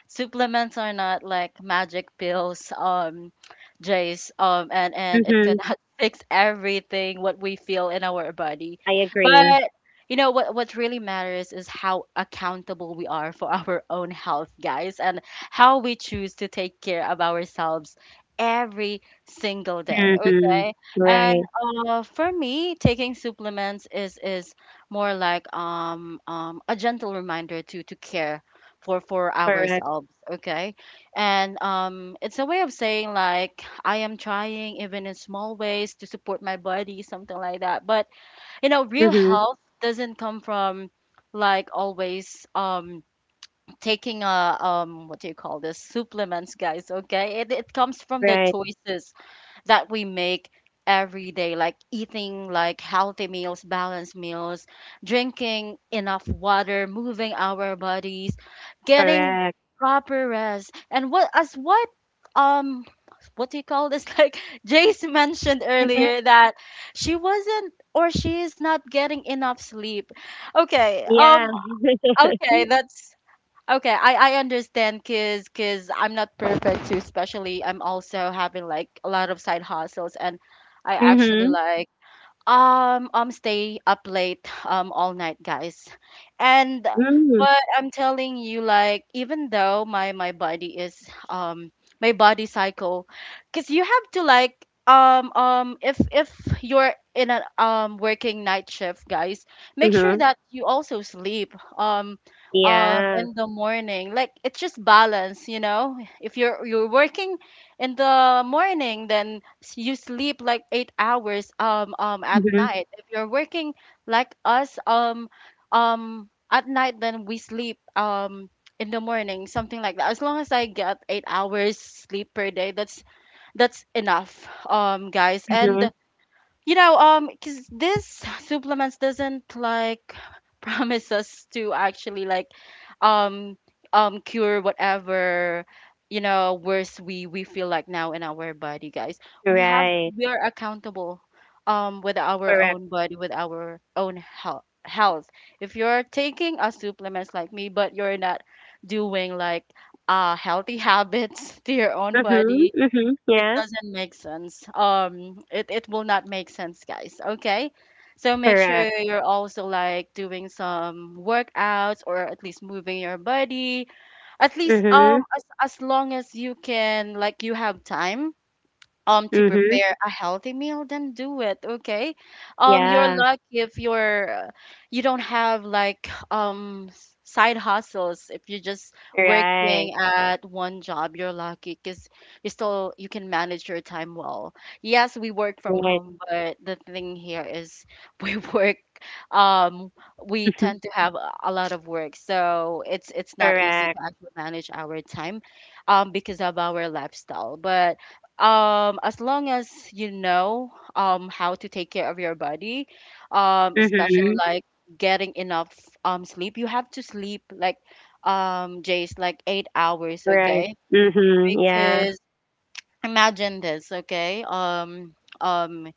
[SPEAKER 1] Supplements are not like magic pills, Jace, and it
[SPEAKER 2] Mm-hmm.
[SPEAKER 1] cannot fix everything what we feel in our body.
[SPEAKER 2] I agree.
[SPEAKER 1] But you know what really matters is how accountable we are for our own health, guys, and how we choose to take care of ourselves every single day,
[SPEAKER 2] Mm-hmm.
[SPEAKER 1] okay? And
[SPEAKER 2] Right.
[SPEAKER 1] for me, taking supplements is more like a gentle reminder to care for
[SPEAKER 2] Correct.
[SPEAKER 1] ourselves, okay? And it's a way of saying like I am trying even in small ways to support my body, something like that. But you know, real
[SPEAKER 2] Mhm.
[SPEAKER 1] health doesn't come from like always taking a what do you call this, supplements, guys. Okay, it comes from the
[SPEAKER 2] Right.
[SPEAKER 1] choices that we make every day, like eating like healthy meals, balanced meals, drinking enough water, moving our bodies, getting
[SPEAKER 2] Correct.
[SPEAKER 1] proper rest. And what as um what do you call this? Like Jace mentioned
[SPEAKER 2] Okay.
[SPEAKER 1] earlier that she wasn't, or she is not, getting enough sleep. Okay.
[SPEAKER 2] Yeah.
[SPEAKER 1] Okay, that's okay, I understand, cause I'm not perfect too, especially I'm also having like a lot of side hustles, and I actually
[SPEAKER 2] mhm.
[SPEAKER 1] like, stay up late, all night, guys. And
[SPEAKER 2] Mm.
[SPEAKER 1] but I'm telling you, like, even though my body is my body cycle, because you have to like if you're in a working night shift, guys, make sure
[SPEAKER 2] Mhm.
[SPEAKER 1] that you also sleep
[SPEAKER 2] Yeah.
[SPEAKER 1] in the morning. Like it's just balance, you know. If you're working in the morning, then you sleep like 8 hours at
[SPEAKER 2] Mhm.
[SPEAKER 1] night. If you're working like us at night, then we sleep in the morning, something like that. As long as I get 8 hours sleep per day, that's enough, guys. And
[SPEAKER 2] Mhm.
[SPEAKER 1] you know, because this supplements doesn't like promise us to actually like, um, cure whatever, you know, worse we feel like now in our body, guys. We have
[SPEAKER 2] Right.
[SPEAKER 1] we are accountable, with our
[SPEAKER 2] Correct.
[SPEAKER 1] own body, with our own health. If you're taking a supplements like me, but you're not doing like healthy habits to your own
[SPEAKER 2] Mhm.
[SPEAKER 1] body,
[SPEAKER 2] Mhm.
[SPEAKER 1] it
[SPEAKER 2] Yeah.
[SPEAKER 1] doesn't make sense. It it will not make sense, guys. Okay, so make sure
[SPEAKER 2] Correct.
[SPEAKER 1] you're also like doing some workouts or at least moving your body. At least
[SPEAKER 2] Mhm.
[SPEAKER 1] as long as you can, like you have time to
[SPEAKER 2] Mhm.
[SPEAKER 1] prepare a healthy meal, then do it, okay? You're
[SPEAKER 2] Yeah.
[SPEAKER 1] lucky if you're you don't have like side hustles. If you're just
[SPEAKER 2] Right.
[SPEAKER 1] working at one job, you're lucky because you can manage your time well. Yes, we work from
[SPEAKER 2] Right.
[SPEAKER 1] home, but the thing here is we work, um we
[SPEAKER 2] Mhm.
[SPEAKER 1] tend to have a lot of work, so it's not easy to
[SPEAKER 2] Correct.
[SPEAKER 1] actually manage our time because of our lifestyle. But as long as you know how to take care of your body, especially
[SPEAKER 2] Mhm.
[SPEAKER 1] like getting enough sleep. You have to sleep like Jace, like 8 hours,
[SPEAKER 2] Right.
[SPEAKER 1] okay?
[SPEAKER 2] Mhm. Yeah.
[SPEAKER 1] Because imagine this, okay, um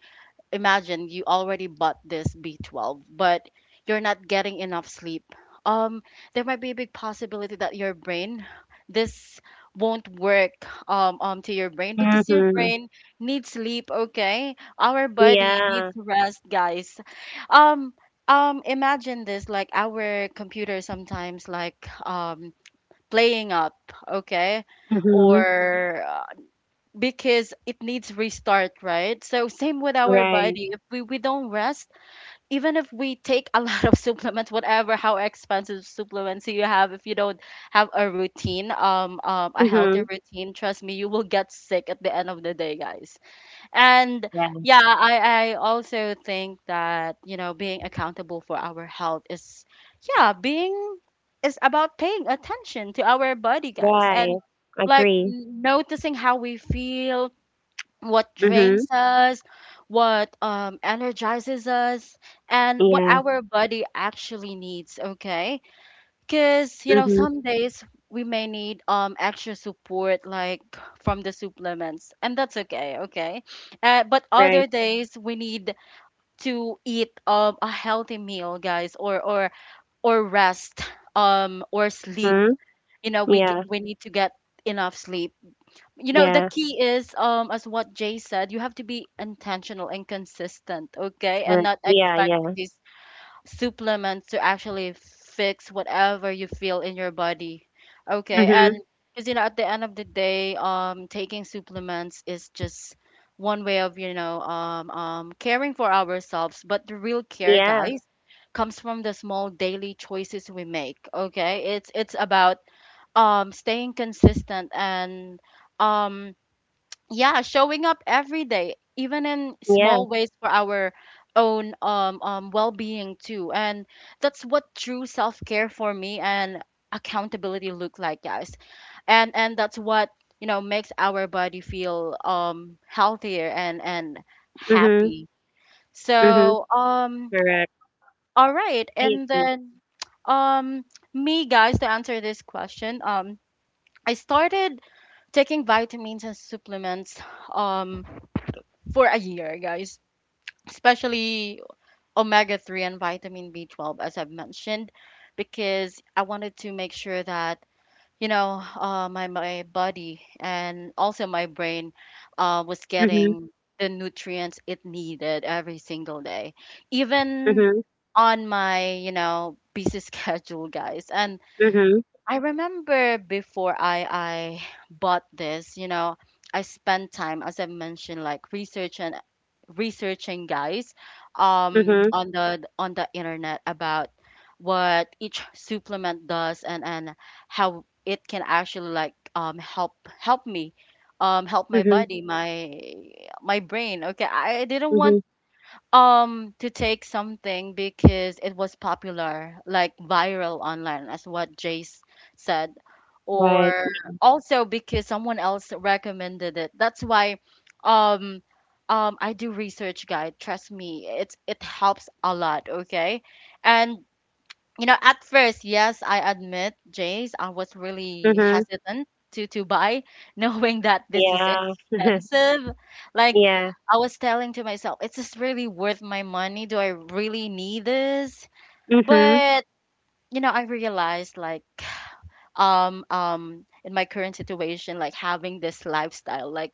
[SPEAKER 1] imagine you already bought this B12, but you're not getting enough sleep. Um, there might be a big possibility that your brain, this won't work to your brain, because your
[SPEAKER 2] Mhm.
[SPEAKER 1] brain needs sleep. Okay, our body needs
[SPEAKER 2] Yeah.
[SPEAKER 1] rest, guys. Um, imagine this, like our computer sometimes like playing up. Okay,
[SPEAKER 2] Mhm.
[SPEAKER 1] or because it needs restart, right? So same with our
[SPEAKER 2] Right.
[SPEAKER 1] body. If we don't rest, even if we take a lot of supplements, whatever how expensive supplements you have, if you don't have a routine, a healthy
[SPEAKER 2] Mhm.
[SPEAKER 1] routine, trust me, you will get sick at the end of the day, guys. And
[SPEAKER 2] Yeah.
[SPEAKER 1] yeah, I also think that you know being accountable for our health yeah, being is about paying attention to our body, guys,
[SPEAKER 2] Right.
[SPEAKER 1] and like
[SPEAKER 2] Agree.
[SPEAKER 1] noticing how we feel, what
[SPEAKER 2] Mhm.
[SPEAKER 1] drains us, what energizes us, and what
[SPEAKER 2] Yeah.
[SPEAKER 1] our body actually needs, okay? Because, you know,
[SPEAKER 2] Mhm.
[SPEAKER 1] some days we may need extra support, like from the supplements, and that's okay, okay? But
[SPEAKER 2] Right.
[SPEAKER 1] other days we need to eat a healthy meal, guys, or rest or sleep.
[SPEAKER 2] Mhm.
[SPEAKER 1] You know,
[SPEAKER 2] Yeah.
[SPEAKER 1] we need to get enough sleep. You know, the
[SPEAKER 2] Yeah.
[SPEAKER 1] key is as what Jay said, you have to be intentional and consistent, okay? And
[SPEAKER 2] Right.
[SPEAKER 1] not
[SPEAKER 2] Yeah.
[SPEAKER 1] expecting
[SPEAKER 2] Yeah.
[SPEAKER 1] these supplements to actually fix whatever you feel in your body, okay. And
[SPEAKER 2] Mhm.
[SPEAKER 1] because you know at the end of the day, taking supplements is just one way of you know caring for ourselves. But the real care,
[SPEAKER 2] Yeah.
[SPEAKER 1] guys, comes from the small daily choices we make, okay. It's about staying consistent and um yeah, showing up every day even in
[SPEAKER 2] Yeah.
[SPEAKER 1] small ways for our own well-being too. And that's what true self-care for me and accountability look like, guys. And that's what, you know, makes our body feel healthier and
[SPEAKER 2] Mhm.
[SPEAKER 1] happy.
[SPEAKER 2] Mhm.
[SPEAKER 1] So
[SPEAKER 2] Correct.
[SPEAKER 1] all right,
[SPEAKER 2] I
[SPEAKER 1] and
[SPEAKER 2] agree.
[SPEAKER 1] then um me, guys, to answer this question, I started taking vitamins and supplements um for a year, guys. Especially omega 3 and vitamin B12, as I've mentioned, because I wanted to make sure that, you know, my body and also my brain was
[SPEAKER 2] Mhm.
[SPEAKER 1] getting the nutrients it needed every single day, even
[SPEAKER 2] Mhm.
[SPEAKER 1] on my, you know, busy schedule, guys. And
[SPEAKER 2] Mhm.
[SPEAKER 1] I remember before I bought this, you know, I spent time, as I mentioned, like researching, guys,
[SPEAKER 2] Mhm.
[SPEAKER 1] on the internet about what each supplement does, and how it can actually like help me, help my
[SPEAKER 2] Mhm.
[SPEAKER 1] body, my brain, okay. I didn't want
[SPEAKER 2] Mhm.
[SPEAKER 1] to take something because it was popular, like viral online, as what Jace said,
[SPEAKER 2] Right.
[SPEAKER 1] or also because someone else recommended it. That's why, um, I do research, guide. Trust me, it helps a lot. Okay, and you know, at first, yes, I admit, Jace, I was really
[SPEAKER 2] Mhm.
[SPEAKER 1] hesitant to buy, knowing that this is
[SPEAKER 2] Yeah.
[SPEAKER 1] expensive. Like,
[SPEAKER 2] yeah.
[SPEAKER 1] I was telling to myself, is this really worth my money? Do I really need this?
[SPEAKER 2] Mhm.
[SPEAKER 1] But, you know, I realized like in my current situation, like having this lifestyle,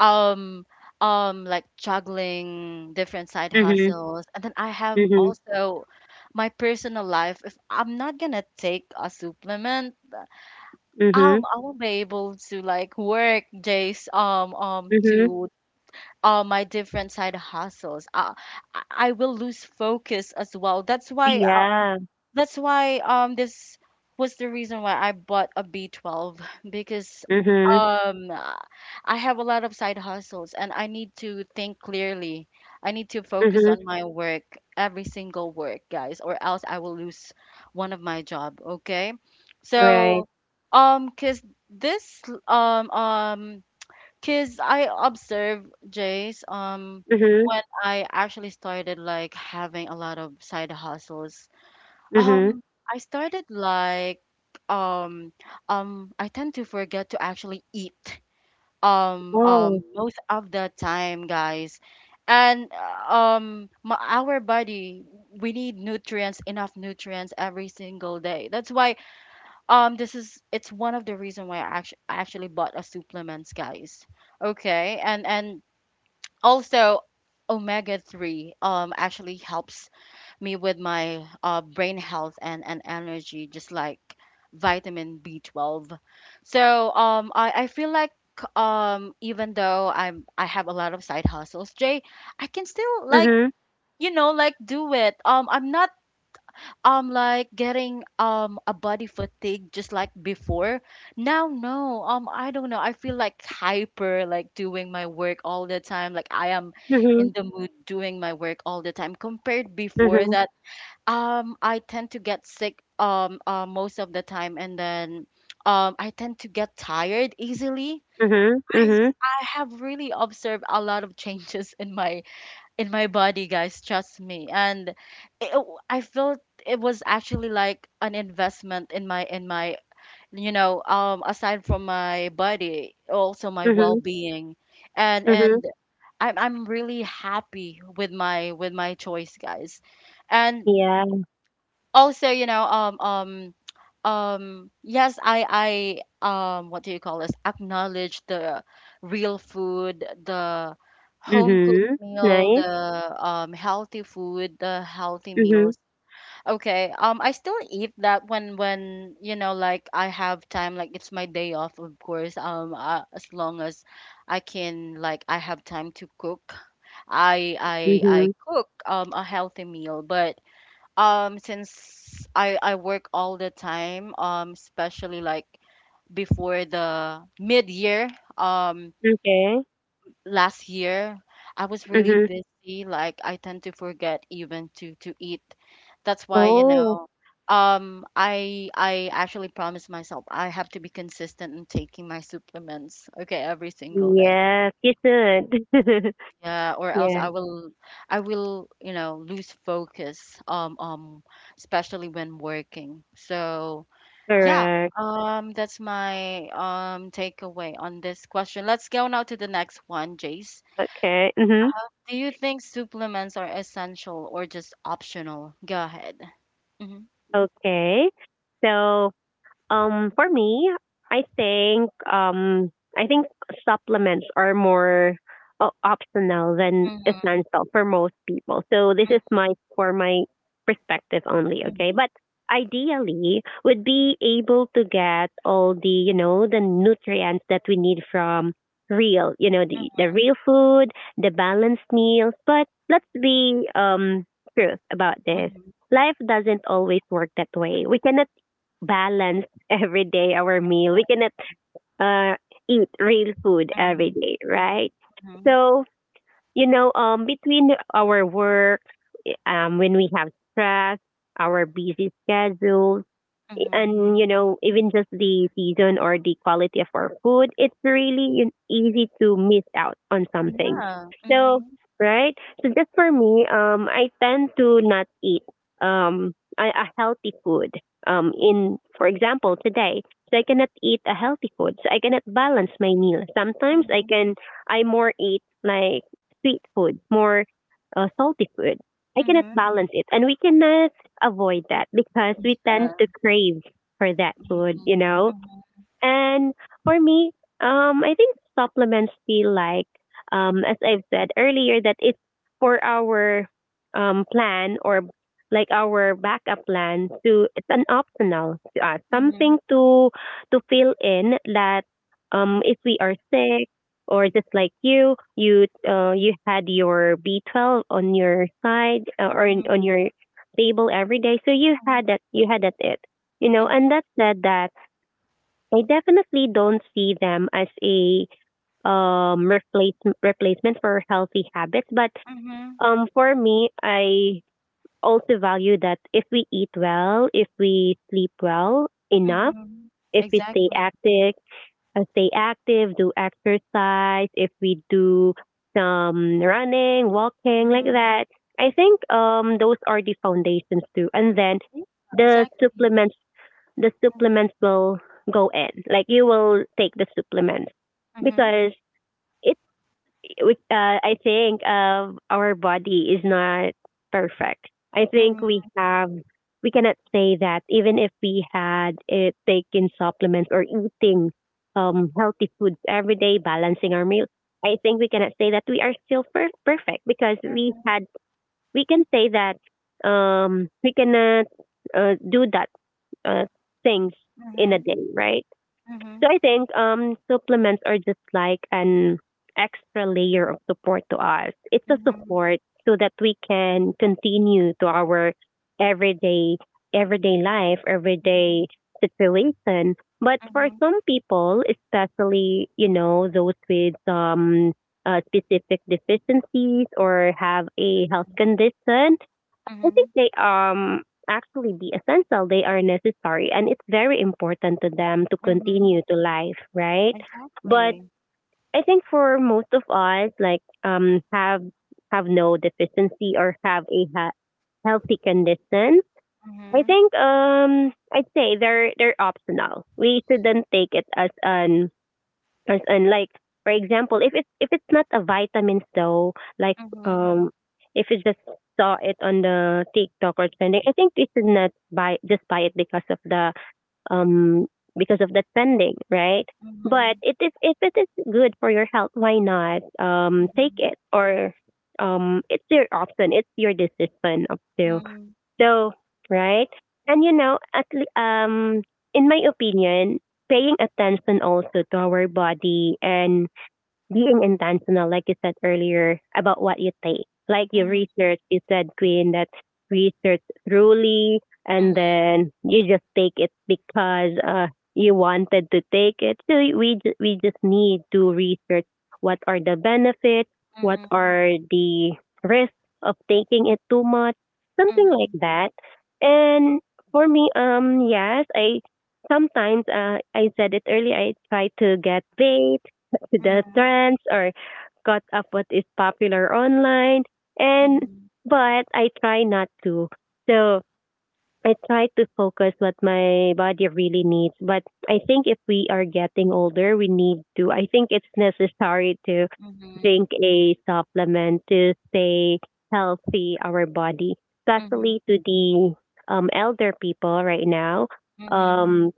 [SPEAKER 1] um like juggling different side
[SPEAKER 2] Mhm.
[SPEAKER 1] hustles, and then I have
[SPEAKER 2] Mhm.
[SPEAKER 1] also my personal life. If I'm not gonna take a supplement,
[SPEAKER 2] Mhm.
[SPEAKER 1] I won't be able to like work, Jace,
[SPEAKER 2] Mhm.
[SPEAKER 1] to my different side hustles, I will lose focus as well. That's why
[SPEAKER 2] Yeah.
[SPEAKER 1] this was the reason why I bought a B12, because
[SPEAKER 2] Mhm.
[SPEAKER 1] um I have a lot of side hustles and I need to think clearly. I need to focus
[SPEAKER 2] Mhm.
[SPEAKER 1] on my work, every single work, guys, or else I will lose one of my job, okay?
[SPEAKER 2] Right.
[SPEAKER 1] So cuz this cuz I observe Jace,
[SPEAKER 2] Mhm.
[SPEAKER 1] when I actually started like having a lot of side hustles,
[SPEAKER 2] Mhm.
[SPEAKER 1] um, I started like um I tend to forget to actually eat
[SPEAKER 2] Oh.
[SPEAKER 1] most of the time, guys. Our body, we need nutrients, enough nutrients every single day. That's why this is it's one of the reason why I actually bought a supplements, guys. Okay? And also omega 3 actually helps me with my brain health and energy, just like vitamin B12. So I feel like even though I have a lot of side hustles, Jay, I can still like
[SPEAKER 2] Mhm.
[SPEAKER 1] do it. I'm not like getting a body fatigue just like before. Now no I don't know. I feel like hyper like doing my work all the time. Like I am
[SPEAKER 2] Mhm.
[SPEAKER 1] in the mood doing my work all the time compared before
[SPEAKER 2] Mhm.
[SPEAKER 1] that I tend to get sick most of the time, and then I tend to get tired easily.
[SPEAKER 2] Mhm.
[SPEAKER 1] I
[SPEAKER 2] Mhm.
[SPEAKER 1] I have really observed a lot of changes in my body, guys. Trust me, and I felt it was actually like an investment in my aside from my body, also my
[SPEAKER 2] Mhm.
[SPEAKER 1] well-being, and
[SPEAKER 2] Mhm.
[SPEAKER 1] and I'm really happy with my choice, guys, and
[SPEAKER 2] Yeah.
[SPEAKER 1] also yes I what do you call this, acknowledge the real food, the home cooked
[SPEAKER 2] Mhm.
[SPEAKER 1] meal,
[SPEAKER 2] Nice.
[SPEAKER 1] the healthy food, the healthy
[SPEAKER 2] Mhm.
[SPEAKER 1] meals. Okay, I still eat that when I have time, like it's my day off, of course, as long as I can, like I have time to cook, I
[SPEAKER 2] Mhm.
[SPEAKER 1] cook a healthy meal. But since I work all the time, especially like before the mid-year, um,
[SPEAKER 2] Okay.
[SPEAKER 1] last year, I was really
[SPEAKER 2] Mhm.
[SPEAKER 1] busy. Like I tend to forget even to eat. That's why, you
[SPEAKER 2] Oh,
[SPEAKER 1] know, I actually promised myself I have to be consistent in taking my supplements, okay, every single day.
[SPEAKER 2] yes, you should.
[SPEAKER 1] Yeah, or else
[SPEAKER 2] Yeah,
[SPEAKER 1] I will, you know, lose focus, especially when working. So yeah,
[SPEAKER 2] correct.
[SPEAKER 1] that's my takeaway on this question. Let's go now to the next one, Jace.
[SPEAKER 2] Okay. Mhm.
[SPEAKER 1] Do you think supplements are essential or just optional? Go ahead. Mhm.
[SPEAKER 2] Okay. So for me, I think um, I think supplements are more optional than
[SPEAKER 1] Mhm.
[SPEAKER 2] essential for most people. So this
[SPEAKER 1] Mhm.
[SPEAKER 2] is my for my perspective only,
[SPEAKER 1] Mhm.
[SPEAKER 2] okay? But ideally, would be able to get all the, you know, the nutrients that we need from real, you know, the real food, the balanced meals. But let's be truth about this.
[SPEAKER 1] Mhm.
[SPEAKER 2] Life doesn't always work that way. We cannot balance every day our meal. We cannot uh, eat real food every
[SPEAKER 1] Mhm.
[SPEAKER 2] day, right?
[SPEAKER 1] Mhm.
[SPEAKER 2] So, you know, between our work, when we have stress, our busy schedules,
[SPEAKER 1] Mhm.
[SPEAKER 2] and you know, even just the season or the quality of our food, it's really easy to miss out on something.
[SPEAKER 1] Yeah.
[SPEAKER 2] So,
[SPEAKER 1] Mhm.
[SPEAKER 2] right, so just for me, I tend to not eat a healthy food
[SPEAKER 1] Mhm.
[SPEAKER 2] in for example today. So I cannot eat a healthy food, so I cannot balance my meal. Sometimes I
[SPEAKER 1] Mhm.
[SPEAKER 2] can, I more eat like sweet food more, salty food. I cannot
[SPEAKER 1] Mhm.
[SPEAKER 2] balance it, and we cannot avoid that because we
[SPEAKER 1] Yeah.
[SPEAKER 2] tend to crave for that
[SPEAKER 1] Mhm.
[SPEAKER 2] food,
[SPEAKER 1] Mhm.
[SPEAKER 2] you know? And for me, I think supplements feel like, as I've said earlier, that it's for our plan or like our backup plan to, it's an optional to us,
[SPEAKER 1] Mhm.
[SPEAKER 2] something to fill in that if we are sick, or just like you, you had your B12 on your side, or
[SPEAKER 1] Mhm.
[SPEAKER 2] on your table every day, so you
[SPEAKER 1] Mhm.
[SPEAKER 2] had that, you had that it, you know, and
[SPEAKER 1] Mhm.
[SPEAKER 2] that said that I definitely don't see them as a um replace, replacement for healthy habits. But
[SPEAKER 1] Mhm.
[SPEAKER 2] for me, I also value that if we eat well, if we sleep well enough,
[SPEAKER 1] Mhm.
[SPEAKER 2] if we stay
[SPEAKER 1] Exactly.
[SPEAKER 2] active, do exercise, if we do some running, walking like
[SPEAKER 1] Mhm.
[SPEAKER 2] that, I think those are the foundations too. And then
[SPEAKER 1] Yeah,
[SPEAKER 2] the
[SPEAKER 1] exactly.
[SPEAKER 2] supplements the
[SPEAKER 1] Mm-hmm.
[SPEAKER 2] supplements will go in. Like you will take the supplements
[SPEAKER 1] Mhm,
[SPEAKER 2] because it, I think, our body is not perfect. I think we
[SPEAKER 1] mhm,
[SPEAKER 2] have, we cannot say that even if we had it taking supplements or eating healthy foods every day, balancing our meals. I think we cannot say that we are still perfect because we
[SPEAKER 1] mhm,
[SPEAKER 2] had, we can say that we cannot do that uh, things in a
[SPEAKER 1] mhm,
[SPEAKER 2] day, right?
[SPEAKER 1] mhm,
[SPEAKER 2] So I think supplements are just like an extra layer of support to us. It's a
[SPEAKER 1] mhm, mhm,
[SPEAKER 2] support so that we can continue to our everyday everyday life, everyday situation. But for
[SPEAKER 1] mhm,
[SPEAKER 2] some people, especially you know those with specific deficiencies or have a health
[SPEAKER 1] mhm,
[SPEAKER 2] condition, I
[SPEAKER 1] mhm,
[SPEAKER 2] think they actually be essential. They are necessary and it's very important to them to
[SPEAKER 1] mhm.
[SPEAKER 2] continue to life, right? But
[SPEAKER 1] Exactly.
[SPEAKER 2] I think for most of us, like have no deficiency or have a healthy condition. I
[SPEAKER 1] Mhm,
[SPEAKER 2] think I'd say they're optional. We shouldn't take it as an, and like for example, if it's not a vitamins though, like
[SPEAKER 1] mhm,
[SPEAKER 2] um if you just saw it on the TikTok or trending, I think you should not buy, just buy it um because of the trending, right? But
[SPEAKER 1] mhm,
[SPEAKER 2] it is, if it is good for your health, why not take
[SPEAKER 1] mhm,
[SPEAKER 2] it, or it's your option, it's your decision up to,
[SPEAKER 1] mhm,
[SPEAKER 2] so, right? And you know, in my opinion, paying attention also to our body and being intentional, like you said earlier, about what you take. Like you
[SPEAKER 1] mhm,
[SPEAKER 2] research, you said, Queen, that research thoroughly and
[SPEAKER 1] mhm,
[SPEAKER 2] then you just take it because you wanted to take it. So we, we just need to research what are the benefits, what
[SPEAKER 1] mhm, mhm,
[SPEAKER 2] are the risks of taking it too much, something like
[SPEAKER 1] mhm,
[SPEAKER 2] that. And for me, yes, I sometimes, I said it earlier. I try to get dates to the trends, or caught up what is popular online, and but I try not to. So I try to focus what my body really needs. But I think if we are getting older, we need to, I think it's necessary to
[SPEAKER 1] mhm,
[SPEAKER 2] drink a supplement to stay healthy our body. Especially
[SPEAKER 1] mhm,
[SPEAKER 2] to the elder people right now.
[SPEAKER 1] mhm,
[SPEAKER 2] Um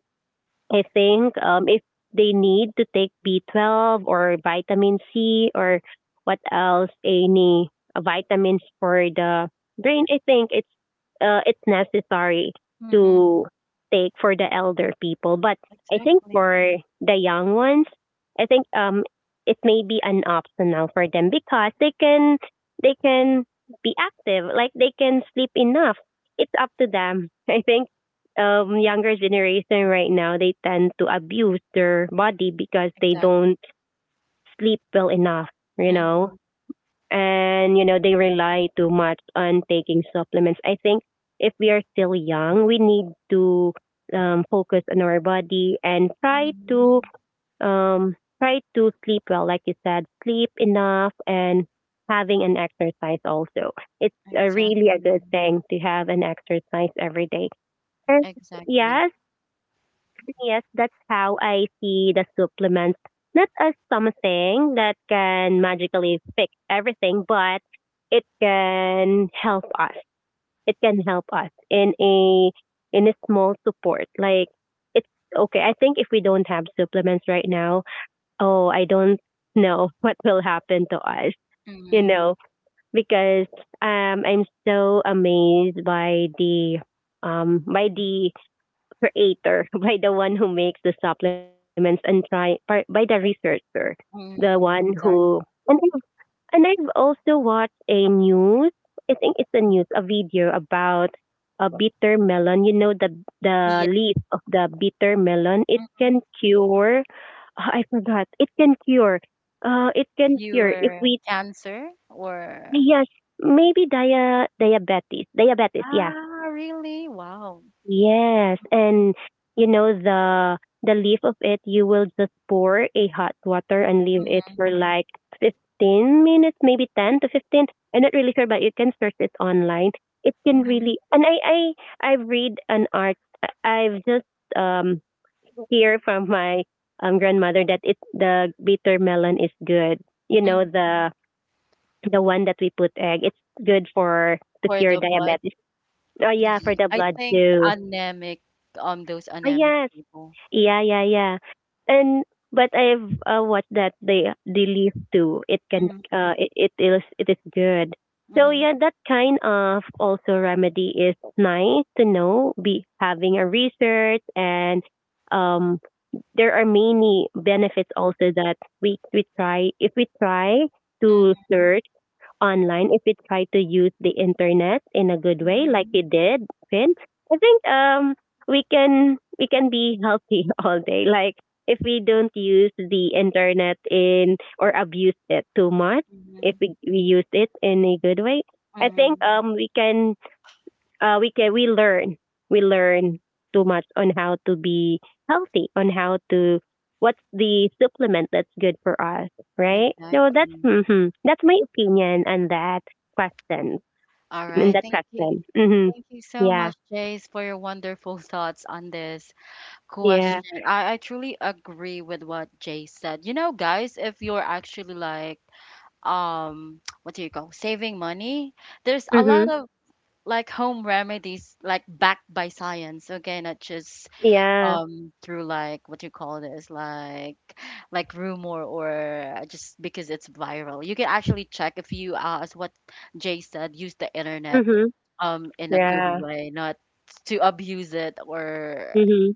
[SPEAKER 2] I think if they need to take B12 or vitamin C or what else, any vitamins for the brain, I think it's necessary
[SPEAKER 1] mhm.
[SPEAKER 2] to take for the elder people. But I think
[SPEAKER 1] Exactly.
[SPEAKER 2] for the young ones, I think it may be an optional for them because they can, they can be active, like they can sleep enough. It's up to them. I think younger generation right now, they tend to abuse their body because they don't
[SPEAKER 1] Exactly.
[SPEAKER 2] sleep well enough, you know.
[SPEAKER 1] Mhm,
[SPEAKER 2] And you know, they rely too much on taking supplements. I think if we are still young, we need to focus on our body and try to
[SPEAKER 1] mhm.
[SPEAKER 2] um try to sleep well, like you said, sleep enough, and having an exercise also. It's a really a good
[SPEAKER 1] Exactly.
[SPEAKER 2] thing to have an exercise every day. And
[SPEAKER 1] Exactly.
[SPEAKER 2] yes, yes, that's how I see the supplements. Not as something that can magically fix everything, but it can help us. It can help us
[SPEAKER 1] Mhm,
[SPEAKER 2] in a small support. Like it's okay. I think if we don't have supplements right now, oh, I don't know what will happen to us. You
[SPEAKER 1] mhm,
[SPEAKER 2] know, because I'm so amazed by the creator, by the one who makes the supplements, and try by the researcher, the
[SPEAKER 1] mhm.
[SPEAKER 2] one
[SPEAKER 1] Exactly.
[SPEAKER 2] who, and I've, and I've also watched a news. I think it's a news, a video about a bitter melon. You know, the leaf of the bitter melon. It
[SPEAKER 1] Yeah.
[SPEAKER 2] can cure. Ah, I forgot. It can cure. It can
[SPEAKER 1] You
[SPEAKER 2] cure if
[SPEAKER 1] were
[SPEAKER 2] we,
[SPEAKER 1] Cancer or
[SPEAKER 2] yes, maybe diabetes, diabetes, yeah.
[SPEAKER 1] ah, really? Wow.
[SPEAKER 2] Yes, and you know, the leaf of it, you will just pour a hot water and leave it
[SPEAKER 1] Mhm,
[SPEAKER 2] for like 15 minutes, maybe 10 to 15. I'm not really sure, but you can search it online. It can
[SPEAKER 1] mhm,
[SPEAKER 2] really, and I read an art. I've just um hear from my grandmother that it, the bitter melon is good. You know,
[SPEAKER 1] mhm.
[SPEAKER 2] the one that we put egg. It's good for to
[SPEAKER 1] For
[SPEAKER 2] cure
[SPEAKER 1] the blood,
[SPEAKER 2] diabetes. Oh yeah, for
[SPEAKER 1] y-
[SPEAKER 2] the
[SPEAKER 1] I
[SPEAKER 2] blood
[SPEAKER 1] think
[SPEAKER 2] too.
[SPEAKER 1] anemic, those
[SPEAKER 2] Oh
[SPEAKER 1] anemic
[SPEAKER 2] yes,
[SPEAKER 1] people.
[SPEAKER 2] yeah, yeah, yeah. And but I've watched that they leave too. It can
[SPEAKER 1] Mhm,
[SPEAKER 2] it is, it is good. So
[SPEAKER 1] mhm,
[SPEAKER 2] yeah, that kind of also remedy is nice to know. Be having a research, and um there are many benefits also that we try, if we try
[SPEAKER 1] mhm,
[SPEAKER 2] to search online, if we try to use the internet in a good way, like
[SPEAKER 1] mhm,
[SPEAKER 2] we did, Finn. I think we can, we can be healthy all day. Like if we don't use the internet in or abuse it too much, if
[SPEAKER 1] mhm,
[SPEAKER 2] we use it in a good way, I think
[SPEAKER 1] mhm.
[SPEAKER 2] we can we learn, we learn too much on how to be healthy, on how to what's the supplement that's good for us, right? So that's
[SPEAKER 1] Exactly.
[SPEAKER 2] hmm that's my opinion on that question.
[SPEAKER 1] All
[SPEAKER 2] In
[SPEAKER 1] right.
[SPEAKER 2] that
[SPEAKER 1] Thank you.
[SPEAKER 2] question, hmm
[SPEAKER 1] Thank you so
[SPEAKER 2] yeah,
[SPEAKER 1] much, Jace, for your wonderful thoughts on this
[SPEAKER 2] yeah,
[SPEAKER 1] question. I truly agree with what Jace said. You know, guys, if you're actually like what do you call saving money, there's a
[SPEAKER 2] hmm
[SPEAKER 1] lot of like home remedies like backed by science, okay, not just
[SPEAKER 2] yeah,
[SPEAKER 1] through like what you call this, like rumor or just because it's viral. You can actually check if you as what Jay said, use the internet
[SPEAKER 2] hmm
[SPEAKER 1] in a good
[SPEAKER 2] yeah,
[SPEAKER 1] way, not to abuse it, or
[SPEAKER 2] hmm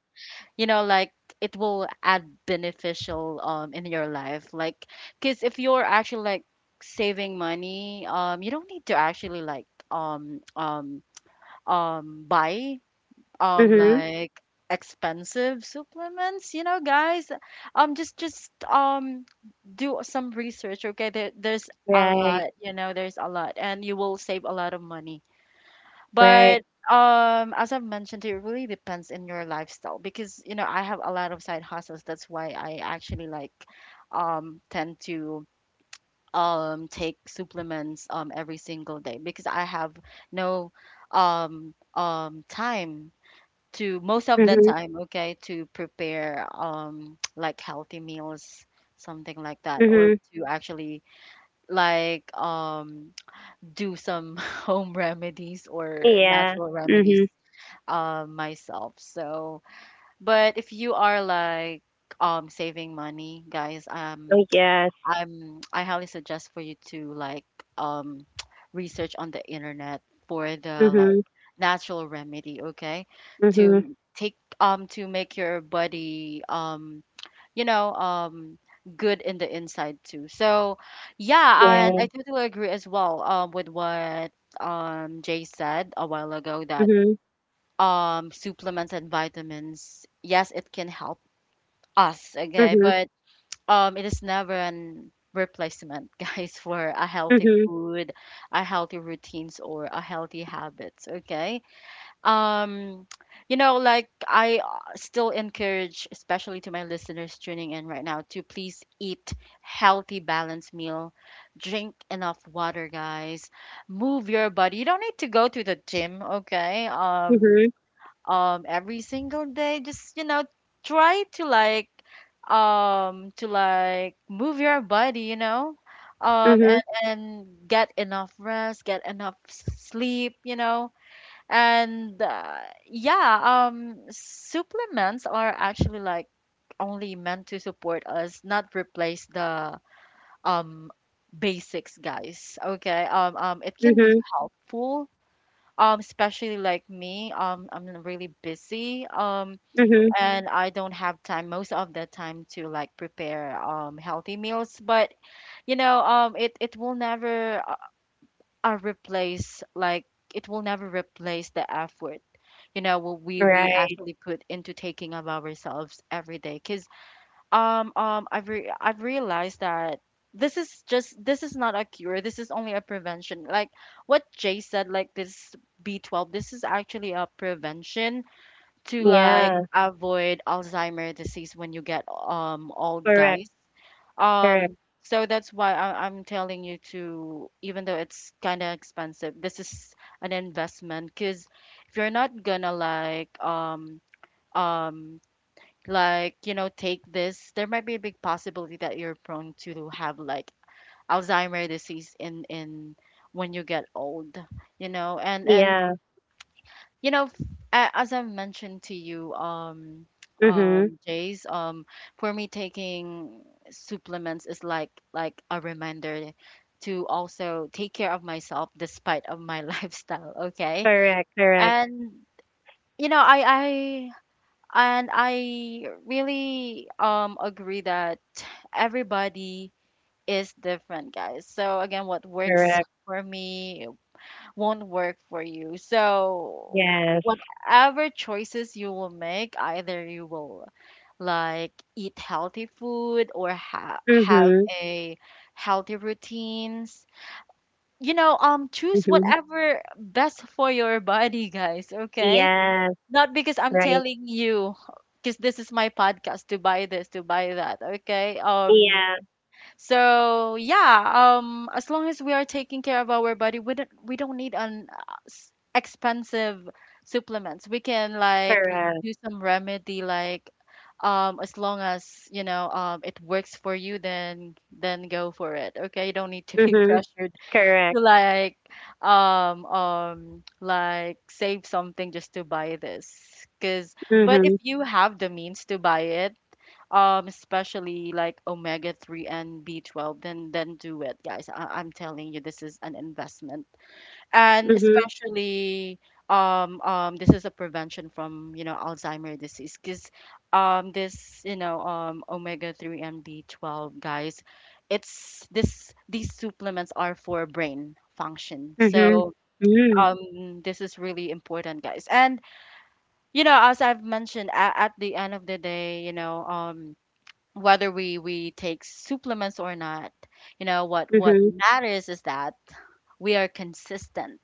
[SPEAKER 1] you know like it will add beneficial in your life, like because if you're actually like saving money, you don't need to actually like buy
[SPEAKER 2] hmm
[SPEAKER 1] like expensive supplements, you know, guys. Just Do some research, okay, there's a
[SPEAKER 2] right,
[SPEAKER 1] lot, you know, there's a lot, and you will save a lot of money.
[SPEAKER 2] right,
[SPEAKER 1] But as I've mentioned, it really depends in your lifestyle because you know I have a lot of side hustles. That's why I actually like tend to take supplements every single day because I have no time to most of the
[SPEAKER 2] hmm
[SPEAKER 1] time, okay, to prepare like healthy meals, something like that, or
[SPEAKER 2] hmm
[SPEAKER 1] to actually like do some home remedies or
[SPEAKER 2] yeah,
[SPEAKER 1] natural remedies
[SPEAKER 2] hmm
[SPEAKER 1] myself. So, but if you are like saving money, guys,
[SPEAKER 2] oh yes,
[SPEAKER 1] I highly suggest for you to like um research on the internet for
[SPEAKER 2] hmm
[SPEAKER 1] the like
[SPEAKER 2] hmm
[SPEAKER 1] natural remedy, okay? To take to make your body you know good in the inside too. So, yeah, and
[SPEAKER 2] yeah,
[SPEAKER 1] I totally agree as well with what Jay said a while ago
[SPEAKER 2] hmm
[SPEAKER 1] that
[SPEAKER 2] hmm
[SPEAKER 1] supplements and vitamins, yes, it can help us, okay, but it is never an replacement guys for a healthy
[SPEAKER 2] hmm
[SPEAKER 1] food, a healthy routines, or a healthy habits, okay. um you know, like I still encourage especially to my listeners tuning in right now to please eat healthy balanced meal, drink enough water, guys, move your body, you don't need to go to the gym, okay.
[SPEAKER 2] hmm
[SPEAKER 1] Every single day just, you know, try to like move your body, you know,
[SPEAKER 2] Mhm,
[SPEAKER 1] and get enough rest, get enough s- sleep, you know, and yeah, supplements are actually like only meant to support us, not replace the um basics, guys, okay. It can be
[SPEAKER 2] mhm,
[SPEAKER 1] helpful, especially like me, I'm really busy,
[SPEAKER 2] mhm.
[SPEAKER 1] and I don't have time most of the time to like prepare healthy meals. But you know it will never replace like, it will never replace the effort, you know, what we
[SPEAKER 2] Right.
[SPEAKER 1] actually put into taking of ourselves every day. Cuz I've re- I've realized that this is just, this is not a cure, this is only a prevention, like what Jay said, like this B12, this is actually a prevention to like
[SPEAKER 2] Yeah.
[SPEAKER 1] avoid Alzheimer disease when you get old,
[SPEAKER 2] Correct.
[SPEAKER 1] guys.
[SPEAKER 2] Correct.
[SPEAKER 1] Um, so that's why I'm telling you to, even though it's kind of expensive, this is an investment because if you're not gonna um like you know take this, there might be a big possibility that you're prone to have like Alzheimer disease in when you get old, you know, and
[SPEAKER 2] Yeah.
[SPEAKER 1] you know, f- a- as I've mentioned to you,
[SPEAKER 2] Mhm.
[SPEAKER 1] Jace, for me taking supplements is like a reminder to also take care of myself despite of my lifestyle. Okay,
[SPEAKER 2] Correct. Correct.
[SPEAKER 1] and you know, I really agree that everybody is different, guys. So again, what works
[SPEAKER 2] Correct.
[SPEAKER 1] for me won't work for you. So,
[SPEAKER 2] Yes.
[SPEAKER 1] whatever choices you will make, either you will like eat healthy food or ha- have
[SPEAKER 2] Mhm.
[SPEAKER 1] a healthy routines. You know, choose
[SPEAKER 2] Mhm.
[SPEAKER 1] whatever best for your body, guys, okay?
[SPEAKER 2] Yes.
[SPEAKER 1] Not because I'm
[SPEAKER 2] Right.
[SPEAKER 1] telling you, because this is my podcast, to buy this, to buy that, okay.
[SPEAKER 2] Yeah.
[SPEAKER 1] So yeah, as long as we are taking care of our body, we don't need an s- expensive supplements. We can like
[SPEAKER 2] Correct.
[SPEAKER 1] do some remedy like as long as, you know, it works for you, then go for it, okay. You don't need to be
[SPEAKER 2] Mhm.
[SPEAKER 1] pressured to
[SPEAKER 2] Correct.
[SPEAKER 1] like save something just to buy this because, but if
[SPEAKER 2] Mhm.
[SPEAKER 1] you have the means to buy it, especially like omega 3 and B12, then do it, guys. I'm telling you this is an investment, and
[SPEAKER 2] Mhm.
[SPEAKER 1] especially this is a prevention from, you know, Alzheimer disease because this you know omega 3 and B12, guys, it's this, these supplements are for brain function.
[SPEAKER 2] Mhm.
[SPEAKER 1] So
[SPEAKER 2] Mhm.
[SPEAKER 1] this is really important, guys, and you know, as I've mentioned at the end of the day, you know, whether we take supplements or not, you know what
[SPEAKER 2] Mhm.
[SPEAKER 1] matters is that we are consistent,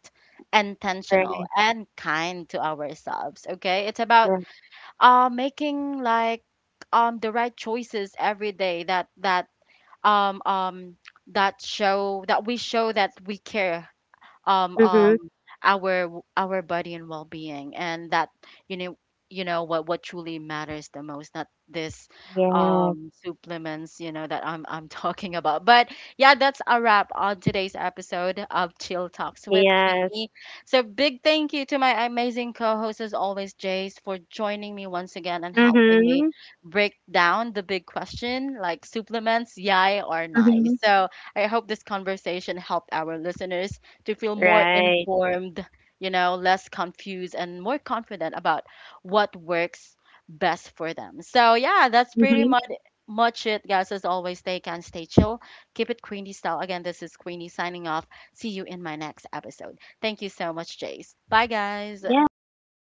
[SPEAKER 1] intentional,
[SPEAKER 2] Right.
[SPEAKER 1] and kind to ourselves. Okay, it's about
[SPEAKER 2] Right.
[SPEAKER 1] making like the right choices every day, that that um um that show, that we show that we care um
[SPEAKER 2] Mhm.
[SPEAKER 1] um our body and well-being, and that you know, you know what truly matters the most, not this
[SPEAKER 2] Yes.
[SPEAKER 1] supplements, you know, that I'm talking about. But yeah, that's a wrap on today's episode of Chill Talks with
[SPEAKER 2] Yes.
[SPEAKER 1] Queenie. So big thank you to my amazing co-host as always, Jace, for joining me once again and helping me
[SPEAKER 2] Mhm.
[SPEAKER 1] break down the big question, like supplements, yay or nay.
[SPEAKER 2] Mhm.
[SPEAKER 1] So I hope this conversation helped our listeners to feel more
[SPEAKER 2] Right.
[SPEAKER 1] informed, you know, less confused, and more confident about what works best for them. So yeah, that's pretty
[SPEAKER 2] Mhm.
[SPEAKER 1] much it, guys. As always, stay can stay chill, keep it Queenie style. Again, this is Queenie signing off. See you in my next episode. Thank you so much, Jace. Bye, guys.
[SPEAKER 2] Yes. Bye.